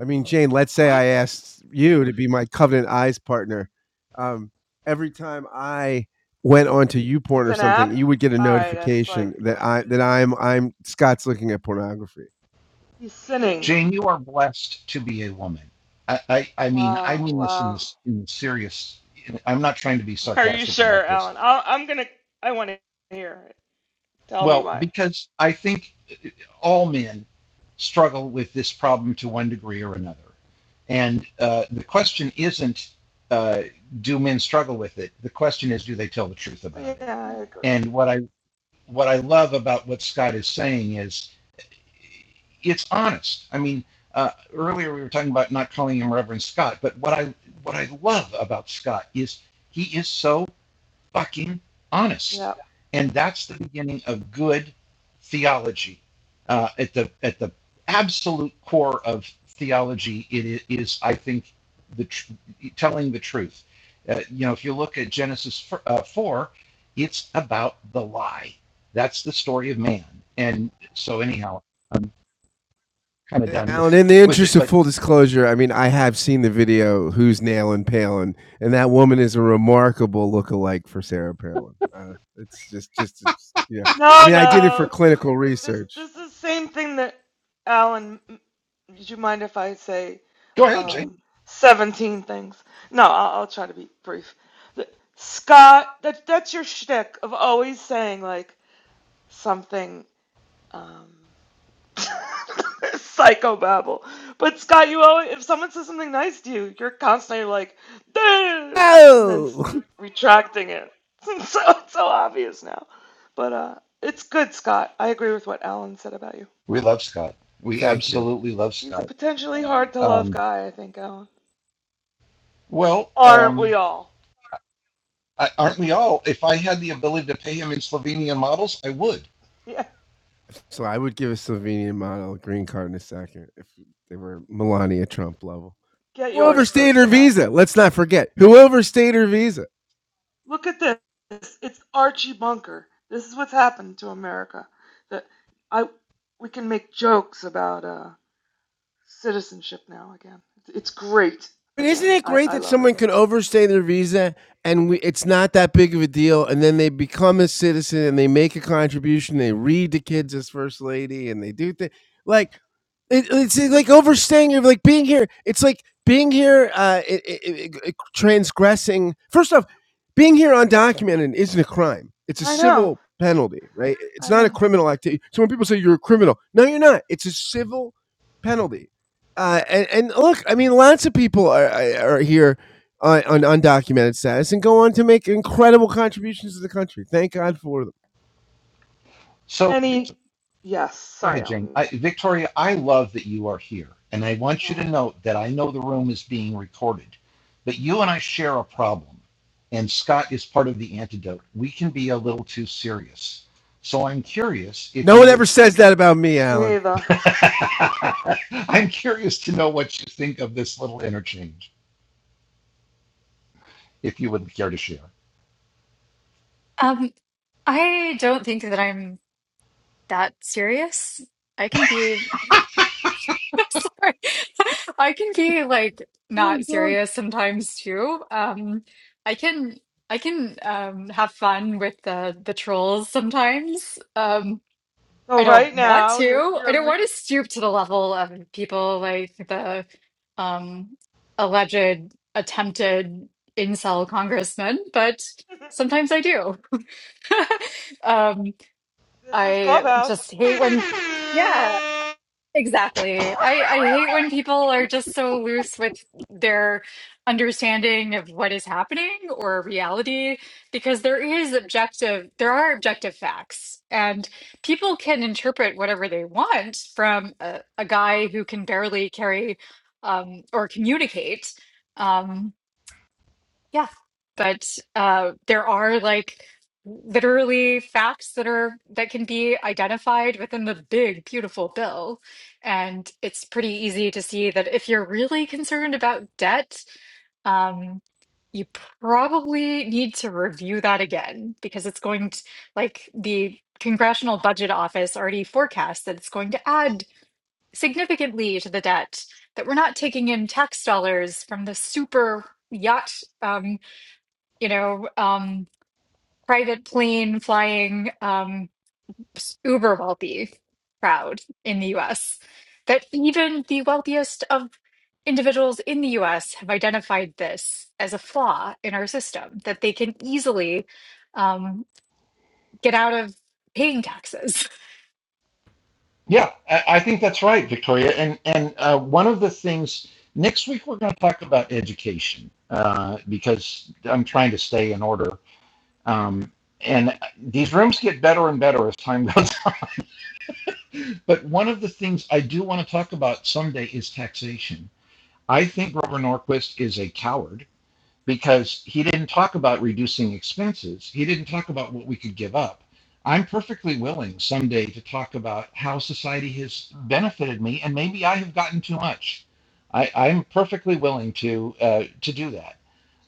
S3: I mean Jane, let's say
S4: What?
S3: I asked you to be my Covenant Eyes partner. Um, every time I went onto YouPorn
S4: It's
S3: or
S4: an
S3: something,
S4: app?
S3: you would get a
S4: Alright, that's like
S3: notification that I that I'm I'm Scott's looking at pornography.
S4: he's sinning.
S1: Jane, you are blessed to be a woman. I, I, I mean, I
S4: Wow,
S1: mean this in
S4: wow.
S1: this in the serious. I'm not trying to be
S4: Are you
S1: sarcastic
S4: sure,
S1: about this.
S4: Alan? I'll, I'm gonna. I want to hear it. Tell me
S1: Well,
S4: why.
S1: because I think all men struggle with this problem to one degree or another, and uh, the question isn't uh, do men struggle with it. The question is do they tell the truth
S4: Yeah,
S1: about it.
S4: I agree. with
S1: And what I what I love about what Scott is saying is it's honest. I mean, uh, earlier we were talking about not calling him Reverend Scott, but what I what I love about Scott is he is so fucking
S4: that. Yeah,
S1: honest,
S4: yeah.
S1: and that's the beginning of good theology. Uh, at the at the absolute core of theology, it is i- think the tr- telling the truth. Uh, you know, if you look at Genesis f- uh, four, it's about the lie. That's the story of man, and so anyhow. I'm kind of done with
S3: Alan, in the
S1: with it.
S3: interest of
S1: But
S3: full disclosure, I mean, I have seen the video "Who's Nailing Palin," and that woman is a remarkable look-alike for Sarah Palin. Uh, it's just, just, it's, yeah. I
S4: No,
S3: mean, I did it for
S4: no.
S3: clinical
S4: This
S3: research.
S4: this is the same thing that Alan. m- Would you mind if I say
S1: go ahead, Jane.
S4: um, 17 things? No, I'll, I'll try to be brief. The- Scott, that that's your shtick of always saying like something. Um, Psychobabble. But Scott, you always, if someone says something nice to you, you're constantly like, "Duh," and then s-
S3: Oh,
S4: retracting it. so it's so obvious now. But uh, it's good, Scott. I agree with what Alan said about you.
S1: We love Scott. We
S3: Thank you.
S1: absolutely love
S4: He's a
S1: Scott.
S4: potentially hard to love
S1: Um,
S4: guy, I think, Alan.
S1: well,
S4: Aren't we
S1: um,
S4: all?
S1: I, aren't we all? If I had the ability to pay him in Slovenian models, I would.
S4: Yeah,
S3: So I would give a Slovenian model a green card in a second if they were Melania Trump level.
S4: get
S3: Who
S4: yours
S3: overstayed
S4: first,
S3: her
S4: Scott.
S3: visa? Let's not forget who overstayed her visa.
S4: Look at this. It's Archie Bunker. This is what's happened to America. That I we can make jokes about. uh citizenship now again. It's great
S3: But isn't
S4: again.
S3: it
S4: I,
S3: great
S4: I
S3: that
S4: love it.
S3: someone can overstay their visa and we, it's not that big of a deal, and then they become a citizen and they make a contribution. They read to kids as first lady, and they do things like it, it's like overstaying or like being here. It's like being here, uh, i i i- i- transgressing. First off, being here undocumented isn't a crime. It's a
S4: I know.
S3: civil penalty, right? It's
S4: I
S3: not a
S4: know.
S3: criminal activity. So when people say you're a criminal, no, you're not. It's a civil penalty. Uh, and, and look, I mean, lots of people are, are here on, on undocumented status and go on to make incredible contributions to the country. Thank God for them.
S1: So
S4: Any yes.
S1: go
S4: Sorry,
S1: ahead, Jane.
S4: Alan.
S1: I, Victoria, I love that you are here, and I want you to
S4: Oh,
S1: note that I know the room is being recorded, but you and I share a problem, and Scott is part of the antidote. We can be a little too serious. So I'm curious if
S3: No
S1: you
S3: one
S1: would.
S3: ever says that about me,
S4: me
S3: Alan.
S4: either.
S1: I'm curious to know what you think of this little interchange, if you would care to share.
S6: Um, I don't think that I'm that serious. I can be I'm sorry. I can be like not serious sometimes too. Um I can I can um have fun with the the trolls sometimes. Um I
S4: So right
S6: don't want
S4: now you're
S6: to. I
S4: you're
S6: don't
S4: re-
S6: want to stoop to the level of people like the um alleged attempted incel congressman, but sometimes I do. um
S4: this is
S6: I
S4: Clubhouse.
S6: just hate when yeah. Exactly. I, I hate when people are just so loose with their understanding of what is happening or reality, because there is objective, there are objective facts, and people can interpret whatever they want from a, a guy who can barely carry um, or communicate. Um, yeah. But uh, there are like literally facts that are that can be identified within the big, beautiful bill. And it's pretty easy to see that if you're really concerned about debt, um, you probably need to review that again because it's going to, like, the Congressional Budget Office already forecasts that it's going to add significantly to the debt, that we're not taking in tax dollars from the super yacht. um, you know, um, private plane flying um, uber wealthy crowd in the US. That even the wealthiest of individuals in the US have identified this as a flaw in our system, that they can easily um, get out of paying taxes.
S1: Yeah, I, I think that's right, Victoria. And and uh, one of the things next week we're going to talk about education uh, because I'm trying to stay in order. Um, and these rooms get better and better as time goes. but one of the things I do want to talk about someday is taxation. I think Grover Norquist is a coward because he didn't talk about reducing expenses. He didn't talk about what we could give up. I'm perfectly willing someday to talk about how society has benefited me, and maybe I have gotten too much. I, I'm perfectly willing to uh, to do that.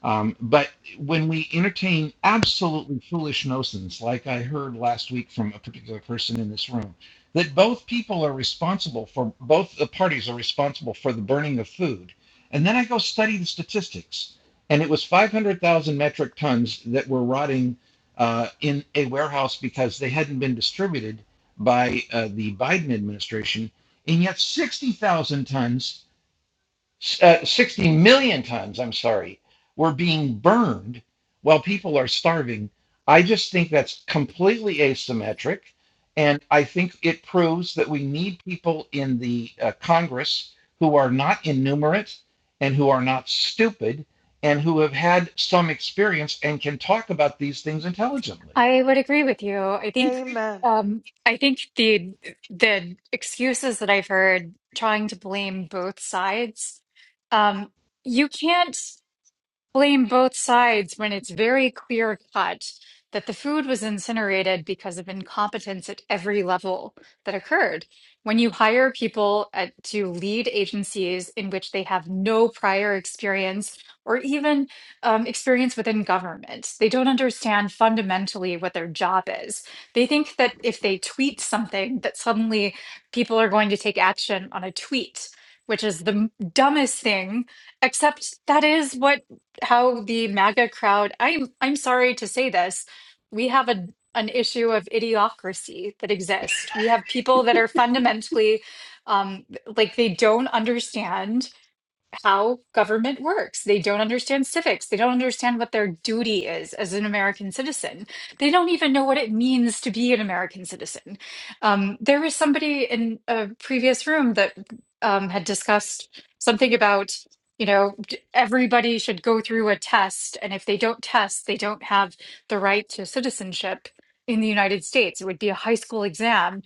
S1: Um, but when we entertain absolutely foolish notions, like I heard last week from a particular person in this room, that both people are responsible for both the parties are responsible for the burning of food, and then I go study the statistics and it was 500,000 metric tons that were rotting uh, in a warehouse because they hadn't been distributed by uh, the Biden administration, and yet 60,000 tons uh, 60 million times, I'm sorry, we're being burned while people are starving. I just think that's completely asymmetric. And I think it proves that we need people in the uh, Congress who are not innumerate and who are not stupid and who have had some experience and can talk about these things intelligently.
S6: I would agree with you. I think.
S4: Amen.
S6: Um, I think the the excuses that I've heard trying to blame both sides um, you can't. blame both sides when it's very clear cut that the food was incinerated because of incompetence at every level that occurred. When you hire people at, to lead agencies in which they have no prior experience or even um, experience within government, they don't understand fundamentally what their job is. They think that if they tweet something, that suddenly people are going to take action on a tweet, which is the m- dumbest thing except that is what how the MAGA crowd, I'm I'm sorry to say this, we have a an issue of idiocracy that exists. We have people that are fundamentally um, like they don't understand how government works. They don't understand civics. They don't understand what their duty is as an American citizen. They don't even know what it means to be an American citizen. Um, there was somebody in a previous room that um, had discussed something about, you know, d- everybody should go through a test. And if they don't test, they don't have the right to citizenship in the United States. It would be a high school exam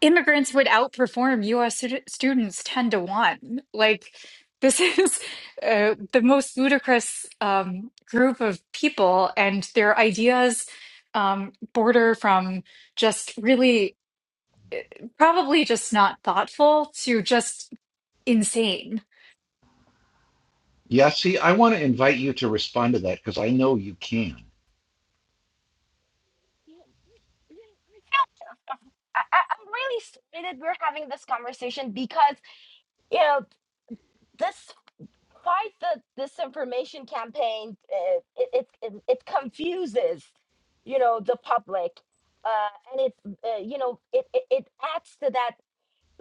S6: immigrants would outperform US stu- students 10 to 1. Like, this is uh, the most ludicrous um, group of people, and their ideas um, border from just really probably just not thoughtful to just insane.
S1: Yeah, see, I want to invite you to respond to that because I know you can.
S5: I, I, I'm really sorry that we're having this conversation because you know this fight the disinformation campaign uh, it, it it it confuses you know the public uh, and it uh, you know it, it it adds to that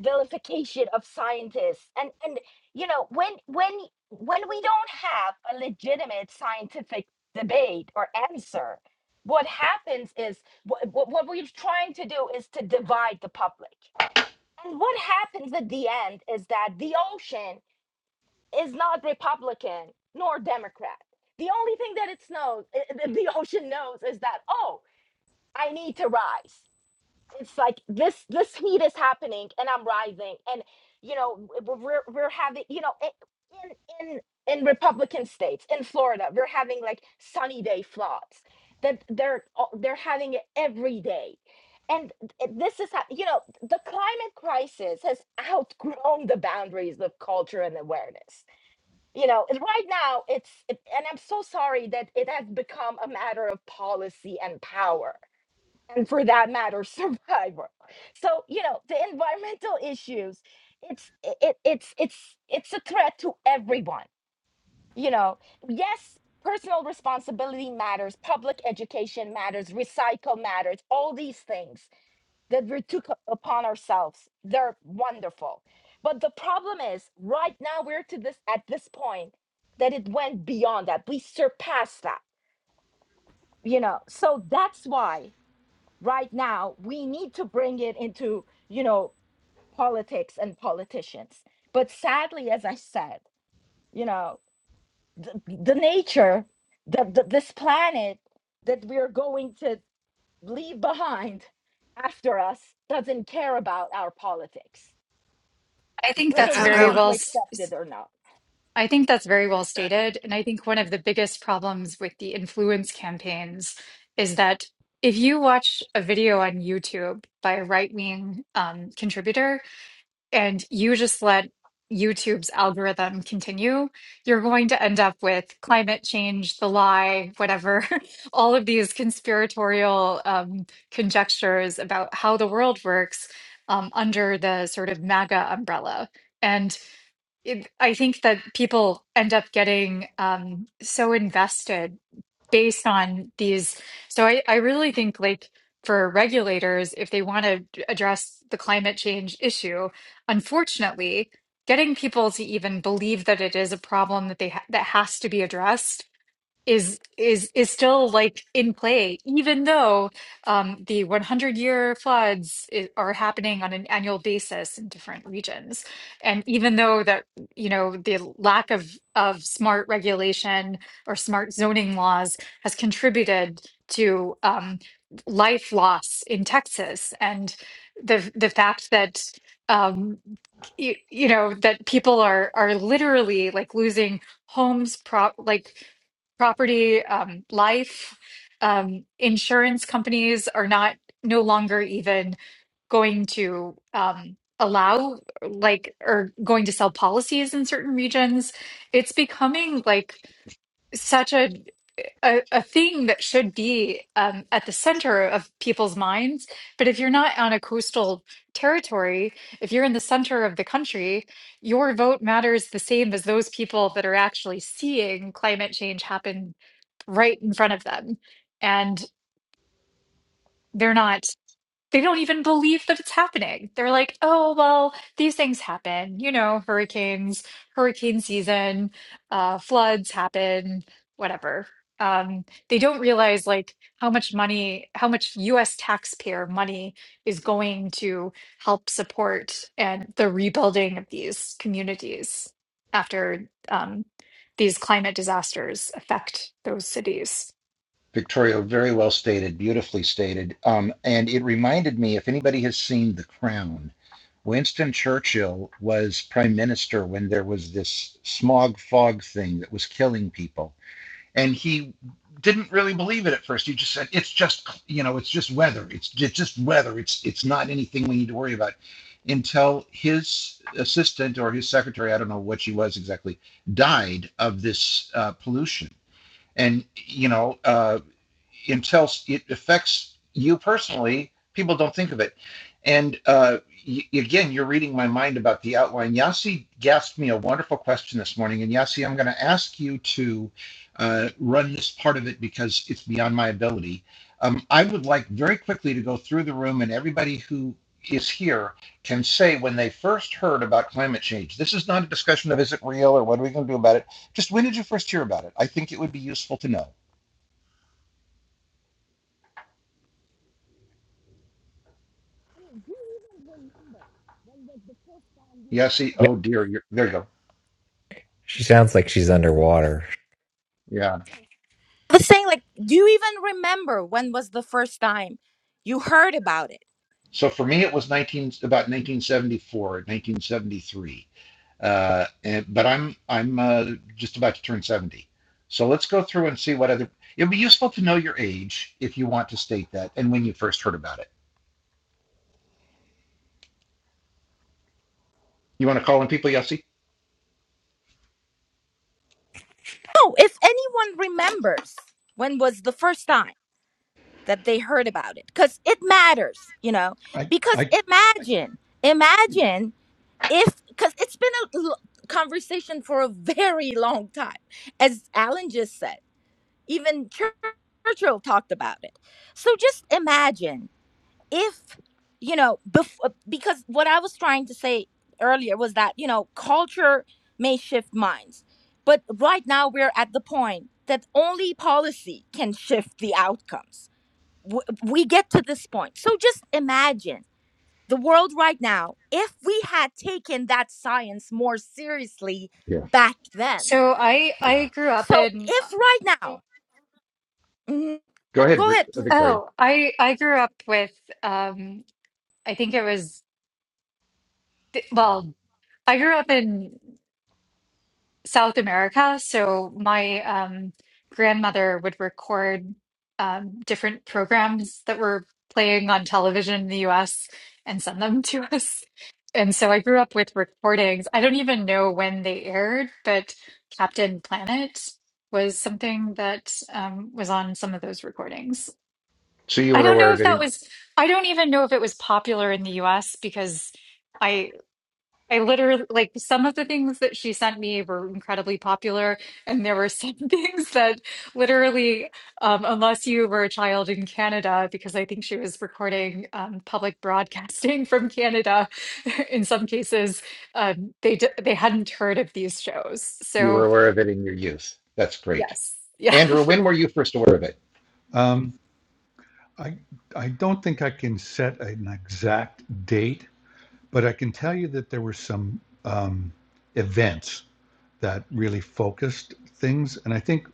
S5: vilification of scientists and and you know when when when we don't have a legitimate scientific debate or answer what happens is what, what we're trying to do is to divide the public and what happens at the end is that the ocean is not republican nor democrat the only thing that it knows the ocean knows is that oh i need to rise it's like this this heat is happening and i'm rising and you know w- we're we're having you know i- in in in republican states in florida we're having like sunny day floods that they're all- they're having it every day and th- this is how you know the climate crisis has outgrown the boundaries of culture and awareness you know and right now it's it- and i'm so sorry that it has become a matter of policy and power and for that matter survival. so you know the environmental issues it's i- it, it's it's it's a threat to everyone you know yes personal responsibility matters public education matters recycle matters all these things that we took up upon ourselves they're wonderful but the problem is right now we're to this at this point that it went beyond that we surpassed that you know so that's why right now we need to bring it into you know politics and politicians but sadly as i said you know the, the nature the, the this planet that we're going to leave behind after us doesn't care about our politics
S6: I think
S3: I,
S5: whether
S6: that's
S5: we
S3: I,
S6: very
S3: I-
S5: want
S6: well.
S5: to
S6: s-
S5: accept it or not
S6: I think that's very well stated. And I think one of the biggest problems with the influence campaigns is that if you watch a video on YouTube by a right wing um, contributor and you just let YouTube's algorithm continue, you're going to end up with climate change, the lie, whatever, all of these conspiratorial um, conjectures about how the world works um, under the sort of MAGA umbrella. and it, I think that people end up getting um, so invested based on these. So I, I really think like for regulators, if they want to address the climate change issue, unfortunately, getting people to even believe that it is a problem that they ha that has to be addressed is is is still like in play, even though um, the 100 year floods i are happening on an annual basis in different regions, and even though that you know the lack of of smart regulation or smart zoning laws has contributed to um, life loss in Texas, and the the fact that um, you, you know that people are are literally like losing homes, prop like property, um, life, um, insurance companies are not no longer even going to um, allow like or going to sell policies in certain regions. It's becoming like such a a, a thing that should be um, at the center of people's minds. But if you're not on a coastal territory, if you're in the center of the country, your vote matters the same as those people that are actually seeing climate change happen right in front of them. And they're not they don't even believe that it's happening. They're like, oh, well, these things happen, you know, hurricanes, hurricane season, uh, floods happen, whatever. Um, they don't realize like how much money, how much US taxpayer money is going to help support and the rebuilding of these communities after um, these climate disasters affect those cities.
S1: Victoria, very well stated, beautifully stated. Um, and it reminded me if anybody has seen The Crown, Winston Churchill was prime minister when there was this smog fog thing that was killing people. And he didn't really believe it at first. He just said, it's just, you know, it's just weather. It's, it's just weather. It's, it's not anything we need to worry about until his assistant or his secretary, I don't know what she was exactly, died of this uh, pollution and you know uh, until it affects you personally, people don't think of it. And uh, y- again, you're reading my mind about the outline. Yasi asked me a wonderful question this morning, and Yasi, I'm going to ask you to uh, run this part of it because it's beyond my ability. Um, I would like very quickly to go through the room, and everybody who is here can say when they first heard about climate change. This is not a discussion of is it real or what are we going to do about it. Just when did you first hear about it? I think it would be useful to know.
S5: I mean, do you even remember when was the first time you
S1: Yeah,
S5: heard
S1: see,
S10: Yep.
S1: oh dear, you're, there you go.
S10: She sounds like she's
S5: about this?
S10: underwater.
S1: Yeah.
S5: the thing like do you even remember when was the first time you heard about it
S1: So for me, it was 19, about 1974, 1973. Uh, and, but I'm, I'm uh, just about to turn 70. So let's go through and see what other, it'll be useful to know your age if you want to state that and when you first heard about it. You want to call in people, Yossi?
S5: no if anyone remembers when was the first time that they heard about it because it matters you know
S2: I,
S5: because
S2: I,
S5: imagine imagine if because it's been a l- conversation for a very long time as alan just said even Chur- churchill talked about it so just imagine if you know bef- uh, because what i was trying to say earlier was that you know culture may shift minds but right now we're at the point that only policy can shift the outcomes W- we get to this point so just imagine the world right now if we had taken that science more seriously
S1: Yeah.
S5: back then.
S6: So I I
S1: Yeah.
S6: grew up
S5: So
S6: in
S5: if right now, Mhm.
S1: Go ahead,
S5: go ahead,
S1: uh,
S5: please.
S1: Victoria.
S6: Oh, I I grew up with um I think it was well, I grew up in South America, so my um grandmother would record um different programs that were playing on television in the US and send them to us. And so I grew up with recordings. I don't even know when they aired, but Captain Planet was something that um was on some of those recordings.
S1: So you
S6: I
S1: were
S6: don't
S1: aware
S6: know
S1: of
S6: if
S1: it
S6: that
S1: in,
S6: was, I don't even know if it was popular in the US because I, I literally, like, some of the things that she sent me were incredibly popular. And there were some things that literally, um, unless you were a child in Canada, because I think she was recording um, public broadcasting from Canada, in some cases, um, they, d- they hadn't heard of these shows.
S1: you were
S6: So,
S1: aware of it in your youth. That's great.
S6: yes. Yeah.
S1: Andrew, when were you first aware of it?
S2: I, I don't think I can set an exact date, but I can tell you that there were some um, events that really focused things. And I think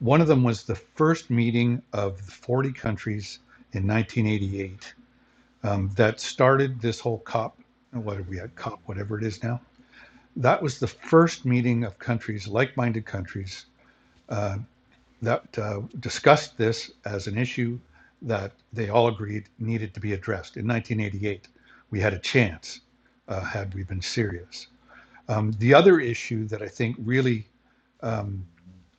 S2: one of them was the first meeting of 40 countries in 1988 um, that started this whole COP, what are we at, COP, whatever it is now. That was the first meeting of countries, like minded countries, uh, that uh, discussed this as an issue that they all agreed needed to be addressed. In 1988, we had a chance uh, had we been serious. Um, the other issue that I think really um,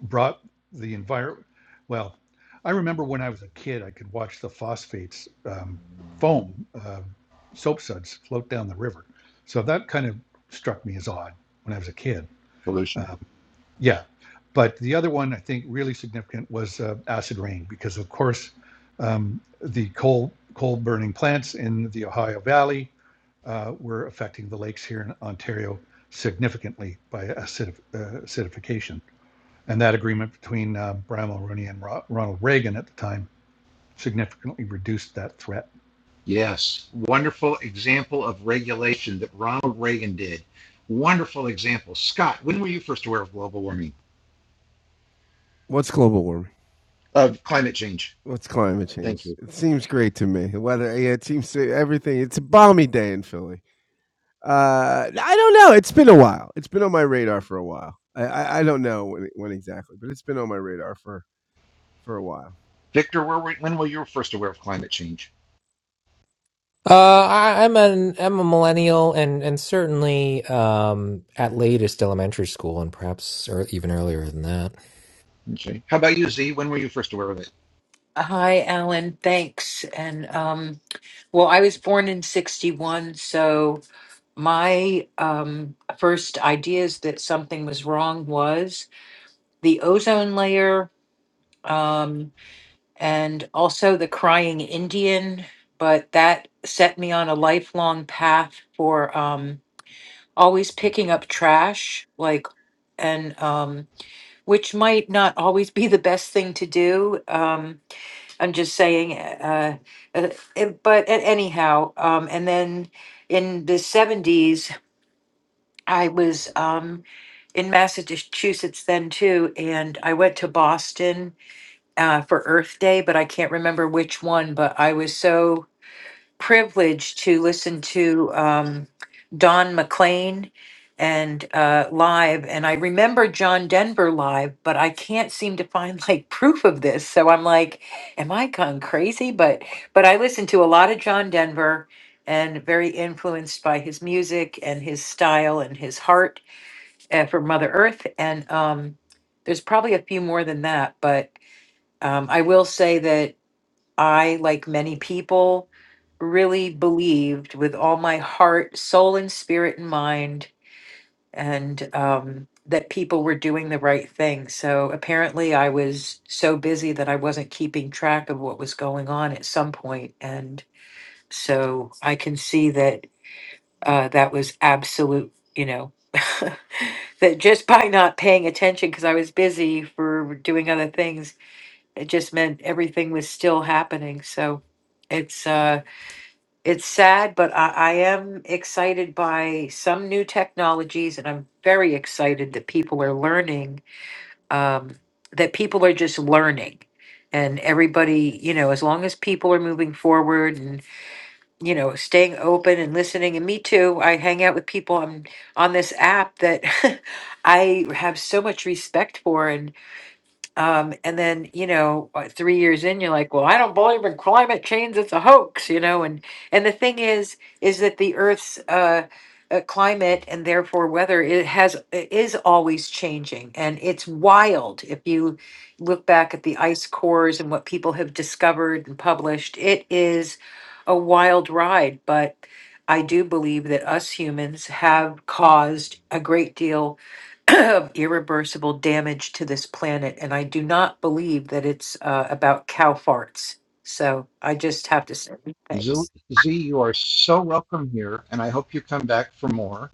S2: brought the environment. Well, I remember when I was a kid, I could watch the phosphates um, foam uh, soap suds float down the river. So that kind of struck me as odd when I was a kid.
S1: Pollution.
S2: Um, yeah. But the other one I think really significant was uh, acid rain because, of course, um, the coal coal burning plants in the Ohio Valley uh, were affecting the lakes here in Ontario significantly by acidif- uh, acidification. And that agreement between uh, Brian Mulroney and Ro- Ronald Reagan at the time significantly reduced that threat.
S1: Yes, wonderful example of regulation that Ronald Reagan did. Wonderful example. Scott, when were you first aware of global warming,
S3: what's global warming?
S1: of climate change?
S3: What's climate
S1: Thank
S3: change?
S1: you.
S3: It seems great to me. Weather, yeah, it seems to everything. It's a balmy day in Philly. Uh, I don't know. It's been a while. It's been on my radar for a while. I, I, I don't know when, when exactly, but it's been on my radar for for a while.
S1: Victor, where were, when were you first aware of climate change?
S10: Uh, I, I'm an I'm a millennial, and and certainly um, at latest elementary school, and perhaps or even earlier than that.
S1: Okay. How about you, Z? When were you first aware of it?
S11: Hi, Alan. Thanks. And um, well, I was born in 61, so my um, first ideas that something was wrong was the ozone layer um, and also the crying Indian. But that set me on a lifelong path for um, always picking up trash, like, and um, which might not always be the best thing to do. Um, I'm just saying, uh, uh, it- but a- anyhow, um, and then in the 70s, I was um, in Massachusetts then too, and I went to Boston uh, for Earth Day, but I can't remember which one, but I was so privilege to listen to um, Don McLean and uh, live, and I remember John Denver live, but I can't seem to find like proof of this. So I'm like, am I gone crazy? But but I listened to a lot of John Denver and very influenced by his music and his style and his heart uh, for Mother Earth. And um, there's probably a few more than that, but um, I will say that. I, like many people, really believed with all my heart, soul, and spirit and mind, and um, that people were doing the right thing. So apparently, I was so busy that I wasn't keeping track of what was going on at some point. And so I can see that uh, that was absolute, you know. that just by not paying attention because I was busy for doing other things it just meant everything was still happening. So it's uh it's sad, but I, I am excited by some new technologies and I'm very excited that people are learning, um, that people are just learning. And everybody, you know, as long as people are moving forward and, you know, staying open and listening. And me too, I hang out with people on on this app that I have so much respect for and. Um, and then, you know, uh, three years in, you're like, well, I don't believe in climate change. It's a hoax, you know. And and the thing is, is that the Earth's uh, uh, climate and therefore weather it has i- is always changing, and it's wild. If you look back at the ice cores and what people have discovered and published, it is a wild ride. But I do believe that us humans have caused a great deal of irreversible damage to this planet, and I do not believe that it's uh, about cow farts. So I just have to say
S1: Z,
S11: thanks.
S1: Z, you are so welcome here, and I hope you come back for more.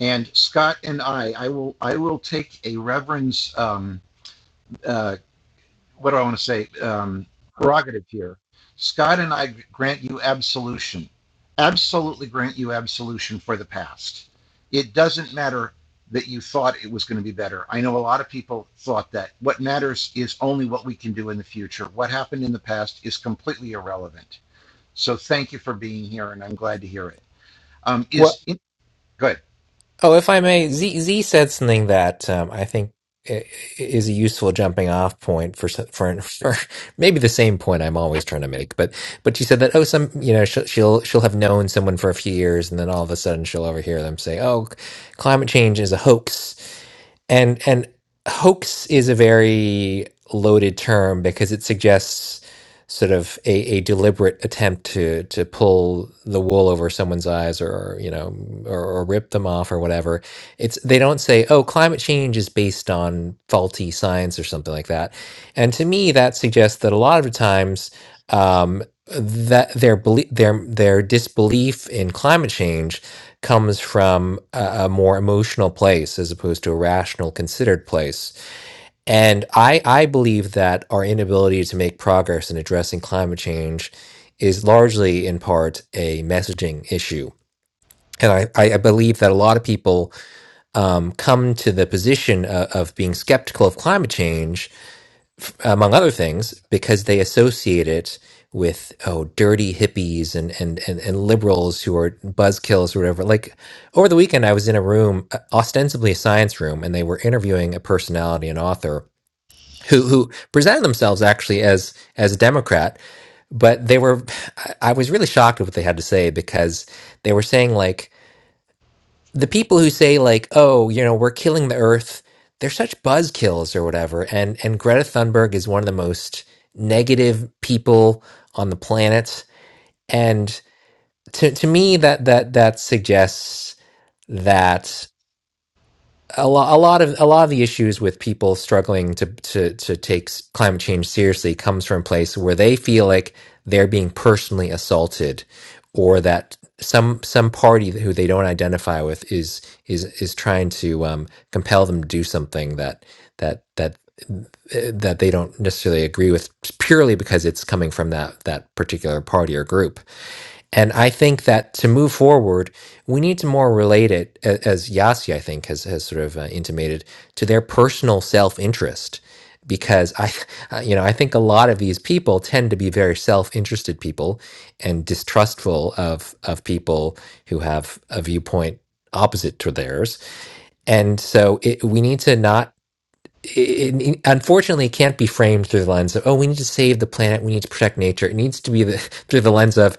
S1: And Scott and I, I will, I will take a reverend's um, uh, what do I want to say? Um, prerogative here. Scott and I grant you absolution. Absolutely grant you absolution for the past. It doesn't matter that you thought it was going to be better. I know a lot of people thought that. What matters is only what we can do in the future. What happened in the past is completely irrelevant. So thank you for being here, and I'm glad to hear it. Um,
S10: Well,
S1: is in, good,
S10: Oh, if I may, Z Z said something that um, I think i- is a useful jumping off point for s- for for maybe the same point I'm always trying to make. But but she said that oh, some you know she'll she'll she'll have known someone for a few years, and then all of a sudden she'll overhear them say, "Oh, c- climate change is a hoax," and and hoax is a very loaded term because it suggests sort of a, a deliberate attempt to to pull the wool over someone's eyes or you know or, or rip them off or whatever it's they don't say oh climate change is based on faulty science or something like that and to me that suggests that a lot of times um, that their belie- their their disbelief in climate change comes from a, a more emotional place as opposed to a rational considered place and I, I believe that our inability to make progress in addressing climate change is largely, in part, a messaging issue. And I, I I believe that a lot of people um, come to the position of, of being skeptical of climate change, f- among other things, because they associate it with, oh, dirty hippies and, and, and, and liberals who are buzzkills or whatever. Like over the weekend, I was in a room, uh, ostensibly a science room, and they were interviewing a personality, an author who who presented themselves actually as as a Democrat, but they were I I was really shocked at what they had to say because they were saying like the people who say like oh you know we're killing the earth they're such buzzkills or whatever and and Greta Thunberg is one of the most negative people on the planet and to to me that that that suggests that a lot, a lot of a lot of the issues with people struggling to to to take s- climate change seriously comes from a place where they feel like they're being personally assaulted, or that some some party who they don't identify with is is is trying to um, compel them to do something that that that that they don't necessarily agree with purely because it's coming from that that particular party or group and I think that to move forward, we need to more relate it, a- as Yasi, I think, has, has sort of uh, intimated, to their personal self interest. Because I, uh, you know, I think a lot of these people tend to be very self-interested people and distrustful of of people who have a viewpoint opposite to theirs. And so it, we need to not it, it- unfortunately it can't be framed through the lens of oh we need to save the planet we need to protect nature it needs to be the, through the lens of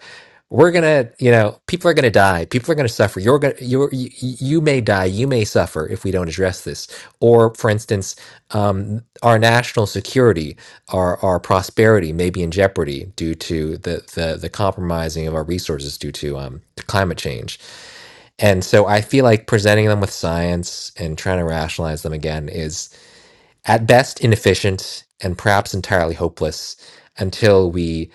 S10: we're gonna you know people are gonna die people are gonna suffer you're gonna you're, you you may die you may suffer if we don't address this or for instance um, our national security our our prosperity may be in jeopardy due to the the, the compromising of our resources due to um to climate change and so I feel like presenting them with science and trying to rationalize them again at best inefficient and perhaps entirely hopeless until we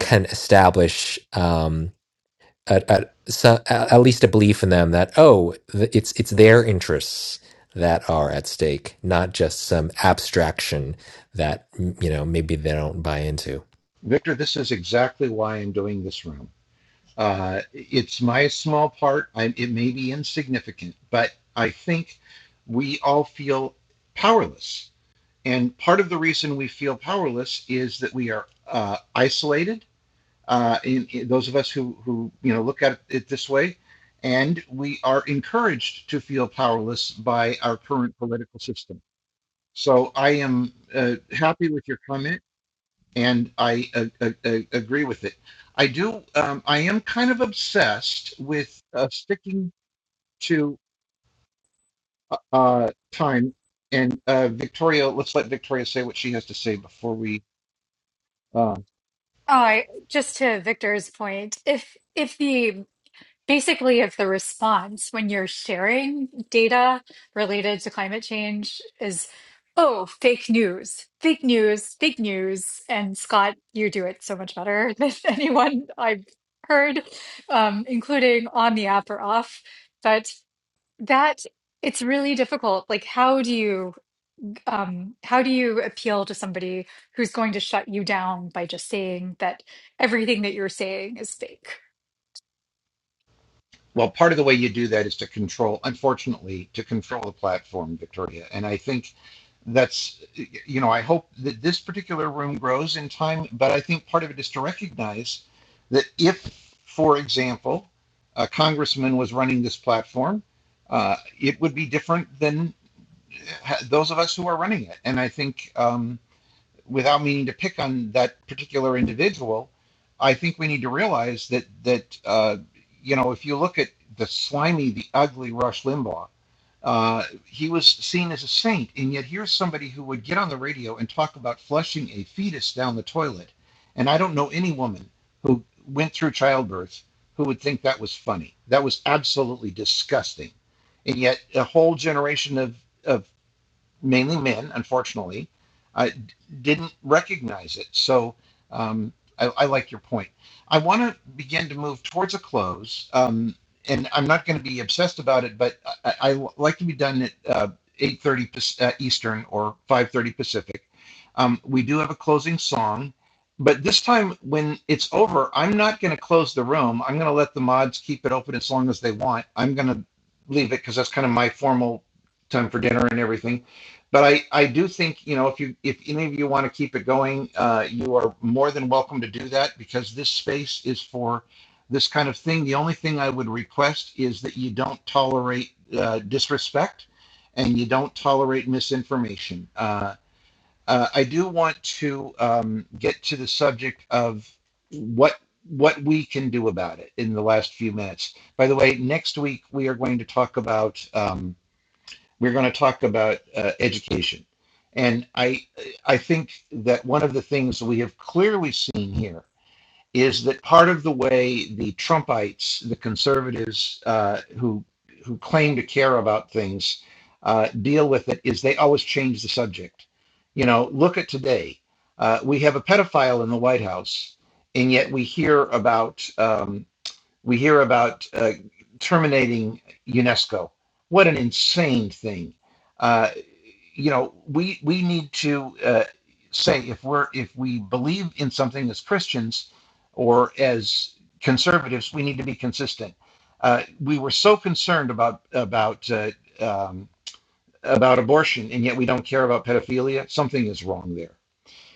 S10: can establish um, a, a, so, a- at least a belief in them that oh th- it's it's their interests that are at stake not just some abstraction that you know maybe they don't buy into
S1: Victor. This is exactly why I'm doing this room. Uh, it's my small part. I, it may be insignificant, but I think we all feel powerless. And part of the reason we feel powerless is that we are uh, isolated. Uh, in, in those of us who, who you know look at it this way, and we are encouraged to feel powerless by our current political system. So I am uh, happy with your comment and I uh, uh, uh, agree with it. I do. Um, I am kind of obsessed with uh, sticking to uh, time. And uh, Victoria, let's let Victoria say what she has to say before we. Uh,
S6: Oh, I just to Victor's point, if if the basically if the response when you're sharing data related to climate change is oh fake news fake news fake news and scott you do it so much better than anyone i've heard um, including on the app or off but that it's really difficult like how do you um, how do you appeal to somebody who's going to shut you down by just saying that everything that you're saying is fake?
S1: well, part of the way you do that is to control, unfortunately, to control the platform, Victoria. And I think that's you know i hope that this particular room grows in time but i think part of it is to recognize that if for example a congressman was running this platform uh, it would be different than uh, those of us who are running it and i think um, without meaning to pick on that particular individual, I think we need to realize that that uh, you know if you look at the slimy, the ugly Rush Limbaugh, uh, he was seen as a saint, and yet here's somebody who would get on the radio and talk about flushing a fetus down the toilet, and I don't know any woman who went through childbirth who would think that was funny. That was absolutely disgusting, and yet a whole generation of of mainly men, unfortunately, uh, didn't recognize it. So um, I, I like your point. I want to begin to move towards a close, um, and I'm not going to be obsessed about it, but I, I like to be done at uh, 8:30 uh, Eastern or 5:30 Pacific. Um, we do have a closing song, but this time when it's over, I'm not going to close the room. I'm going to let the mods keep it open as long as they want. I'm going to leave it because that's kind of my formal time for dinner and everything but I, I do think you know if you if any of you want to keep it going uh, you are more than welcome to do that because this space is for this kind of thing the only thing i would request is that you don't tolerate uh, disrespect and you don't tolerate misinformation uh, uh, i do want to um, get to the subject of what what we can do about it in the last few minutes by the way next week we are going to talk about um, we're going to talk about uh, education. And I, I think that one of the things we have clearly seen here is that part of the way the Trumpites, the conservatives uh, who, who claim to care about things, uh, deal with it is they always change the subject. You know, look at today. Uh, we have a pedophile in the White House, and yet we hear about um, we hear about uh, terminating UNESCO. What an insane thing! Uh, you know, we we need to uh, say if we're if we believe in something as Christians or as conservatives, we need to be consistent. Uh, we were so concerned about about uh, um, about abortion, and yet we don't care about pedophilia. Something is wrong there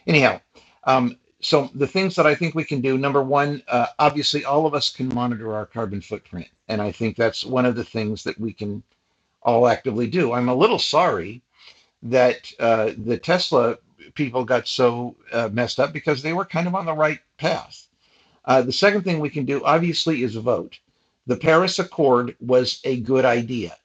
S1: anyhow um, so the things that i think we can do number one uh, obviously all of us can monitor our carbon footprint and i think that's one of the things that we can all actively do i'm a little sorry that uh, the tesla people got so uh, messed up because they were kind of on the right path uh, the second thing we can do, obviously, is vote. The Paris Accord was a good idea.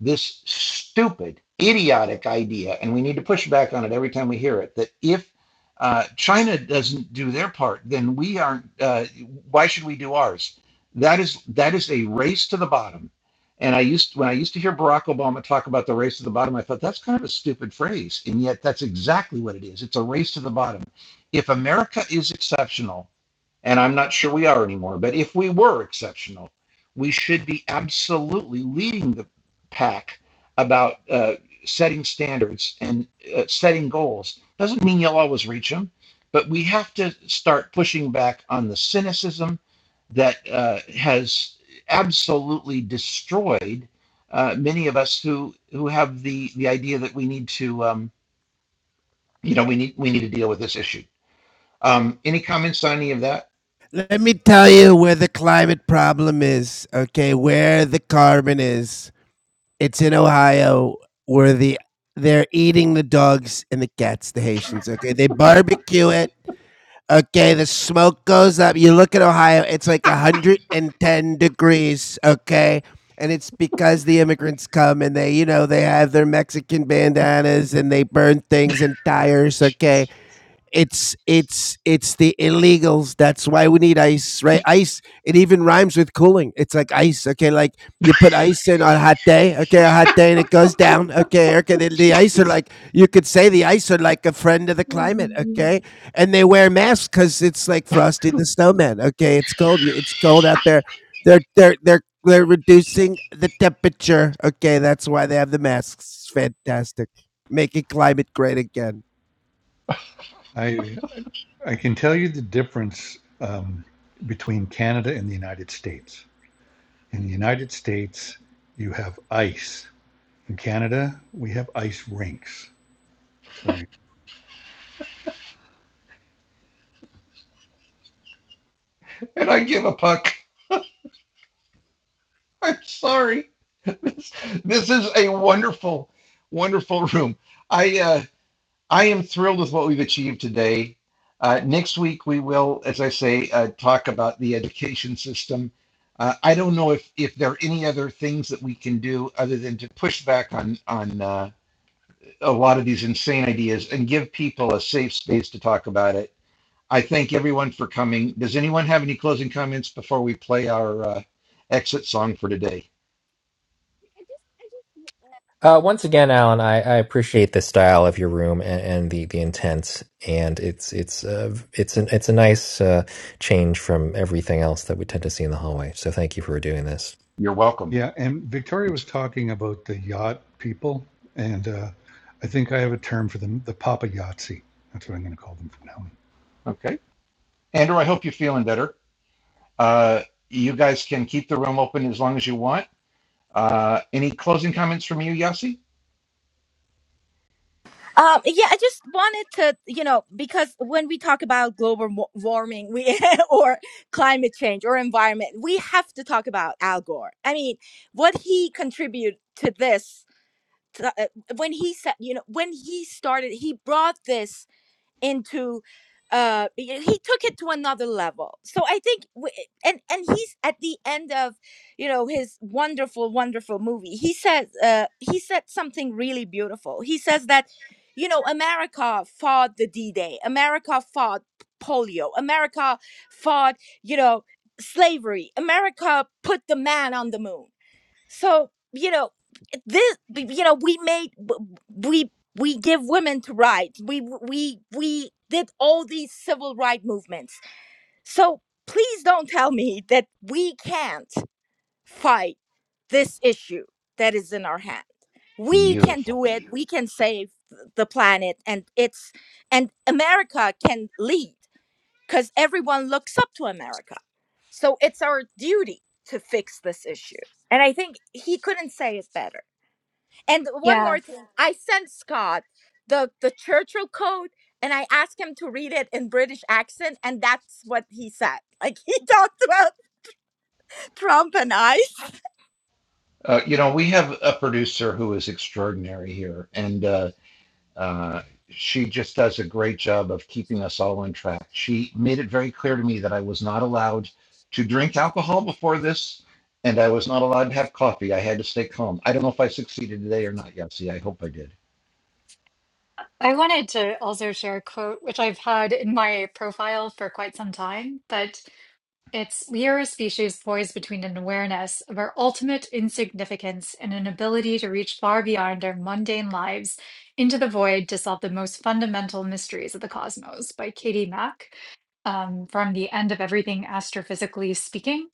S1: This stupid, idiotic idea, and we need to push back on it every time we hear it, that if uh, China doesn't do their part, then we aren't. Uh, why should we do ours? That is that is a race to the bottom. And I used when I used to hear Barack Obama talk about the race to the bottom, I thought that's kind of a stupid phrase, and yet that's exactly what it is. It's a race to the bottom. If America is exceptional and I'm not sure we are anymore. But if we were exceptional, we should be absolutely leading the pack about uh, setting standards and uh, setting goals. Doesn't mean you'll always reach them, but we have to start pushing back on the cynicism that uh, has absolutely destroyed uh, many of us who who have the the idea that we need to um, you know we need we need to deal with this issue. Um, any comments on any of that?
S3: Let me tell you where the climate problem is, okay? Where the carbon is. It's in Ohio where the they're eating the dogs and the cats, the Haitians, okay? They barbecue it Okay, the smoke goes up. You look at Ohio, it's like 110 degrees, okay? And it's because the immigrants come and they, you know, they have their Mexican bandanas and they burn things and tires, okay? It's it's it's the illegals. That's why we need ice, right? Ice. It even rhymes with cooling. It's like ice. Okay, like you put ice in on a hot day. Okay, a hot day and it goes down. Okay, okay. The, the ice are like you could say the ice are like a friend of the climate. Okay, and they wear masks because it's like Frosty the Snowman. Okay, it's cold. y- It's cold out there. They're they're they're they're reducing the temperature. Okay, that's why they have the masks. It's fantastic. Making climate great again.
S2: I, I can tell you the difference um, between Canada and the United States. In the United States, you have ice. In Canada, we have ice rinks. So
S1: And I give a puck. I'm sorry. This, this is a wonderful, wonderful room. I uh, I am thrilled with what we've achieved today. Uh, next week we will, as I say, uh, talk about the education system. Uh, I don't know if if there are any other things that we can do other than to push back on on uh, a lot of these insane ideas and give people a safe space to talk about it. I thank everyone for coming. Does anyone have any closing comments before we play our uh, exit song for today?
S10: uh, once again alan I, I appreciate the style of your room and, and the, the intent and it's it's uh, it's an, it's a nice uh, change from everything else that we tend to see in the hallway so thank you for doing this
S1: You're welcome.
S2: yeah, and Victoria was talking about the yacht people, and uh, I think I have a term for them the Papa Yahtzee. That's what I'm going to call them from now on.
S1: Okay. Andrew, I hope you're feeling better. Uh, you guys can keep the room open as long as you want. Uh, any closing comments from you, Yossi?
S5: Um, yeah, I just wanted to, you know, because when we talk about global wa- warming, we or climate change or environment, we have to talk about Al Gore. I mean, what he contributed to this to, uh, when he said, you know, when he started, he brought this into uh he took it to another level so i think w- and and he's at the end of you know his wonderful wonderful movie he says uh he said something really beautiful he says that you know america fought the d-day america fought polio america fought you know slavery america put the man on the moon so you know this. You know we made we we give women to rights. We we we did all these civil rights movements. So please don't tell me that we can't fight this issue that is in our hand. We can
S1: Beautiful.
S5: do it. We can save the planet, and it's and America can lead because everyone looks up to America. So it's our duty to fix this issue. And I think he couldn't say it better. And one
S6: Yeah,
S5: more thing, I sent Scott the the Churchill Code, and I asked him to read it in British accent, and that's what he said. Like he talked about Trump and I.
S1: Uh, you know, we have a producer who is extraordinary here, and uh, uh, she just does a great job of keeping us all on track. She made it very clear to me that I was not allowed to drink alcohol before this, and I was not allowed to have coffee. I had to stay calm. I don't know if I succeeded today or not, Yossi. I hope I did.
S6: I wanted to also share a quote which I've had in my profile for quite some time, but It's we are a species poised between an awareness of our ultimate insignificance and an ability to reach far beyond our mundane lives into the void to solve the most fundamental mysteries of the cosmos by Katie Mack um, from The End of Everything Astrophysically Speaking.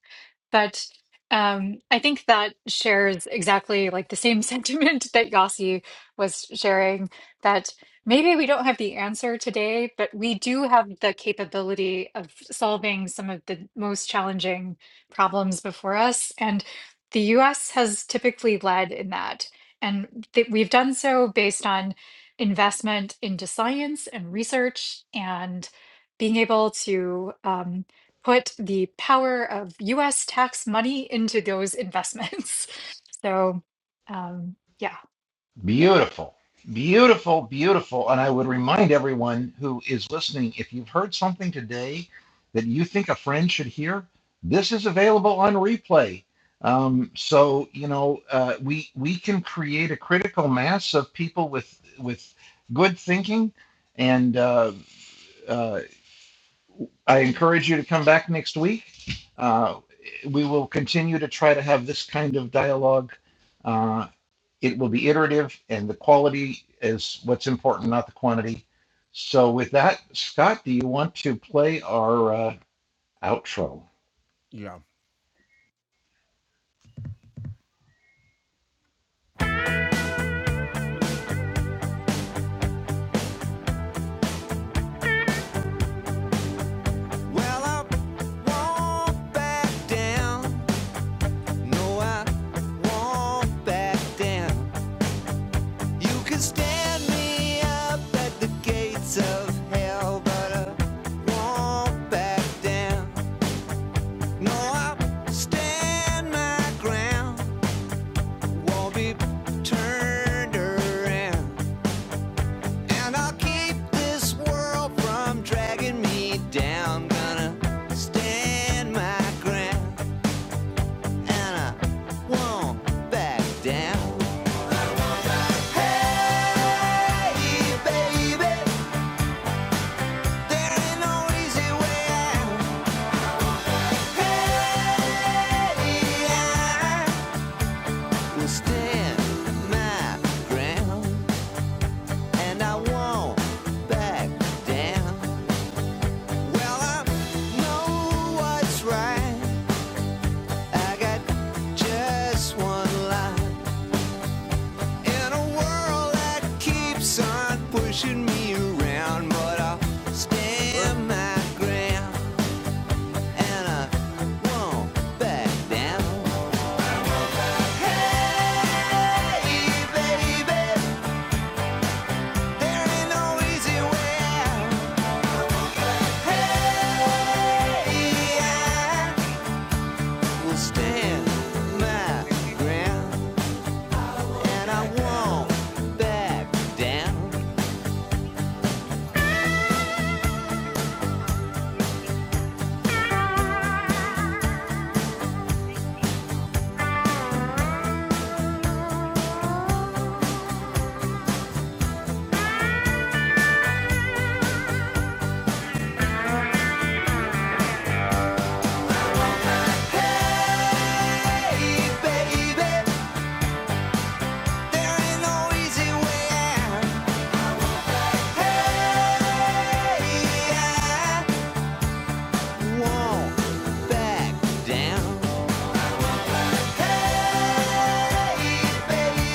S6: But um, I think that shares exactly like the same sentiment that Yossi was sharing, that maybe we don't have the answer today, but we do have the capability of solving some of the most challenging problems before us. And the US has typically led in that. And th- we've done so based on investment into science and research and being able to. um, put the power of US tax money into those investments. So, um, yeah.
S1: Beautiful, beautiful, beautiful. And I would remind everyone who is listening if you've heard something today that you think a friend should hear, this is available on replay. Um, so you know uh, we we can create a critical mass of people with with good thinking, and uh, uh, I encourage you to come back next week. Uh, we will continue to try to have this kind of dialogue uh, it will be iterative and the quality is what's important, not the quantity. So with that, Scott, do you want to play our uh, outro?
S3: Yeah. Well, I won't back down. No, I won't back down. You can stand me up at the gates of hell, but I won't back down. No, I stand my ground. won't be turned around. And I'll keep this world from dragging me down. Gonna stand my ground, and I won't back down. Hey, baby, there ain't no easy way out. Hey, I will stand my ground, and I won't back down. Well, I know what's right. I got just one life in a world that keeps on pushing me around, but I'll stand my ground and I won't back down. Hey, baby, there ain't no easy way out. Hey, I will stand my ground. and I won't back down. Hey, baby, there ain't no easy way out. Hey, I won't back down. Hey, baby,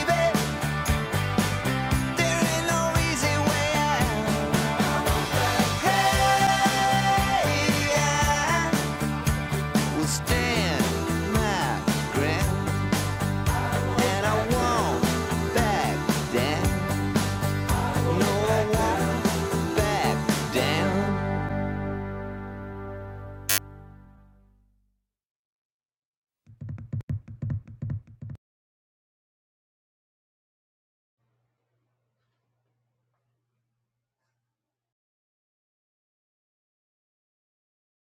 S3: there ain't no easy way out. Hey, I will stand my ground, and I won't back down. No, I back down.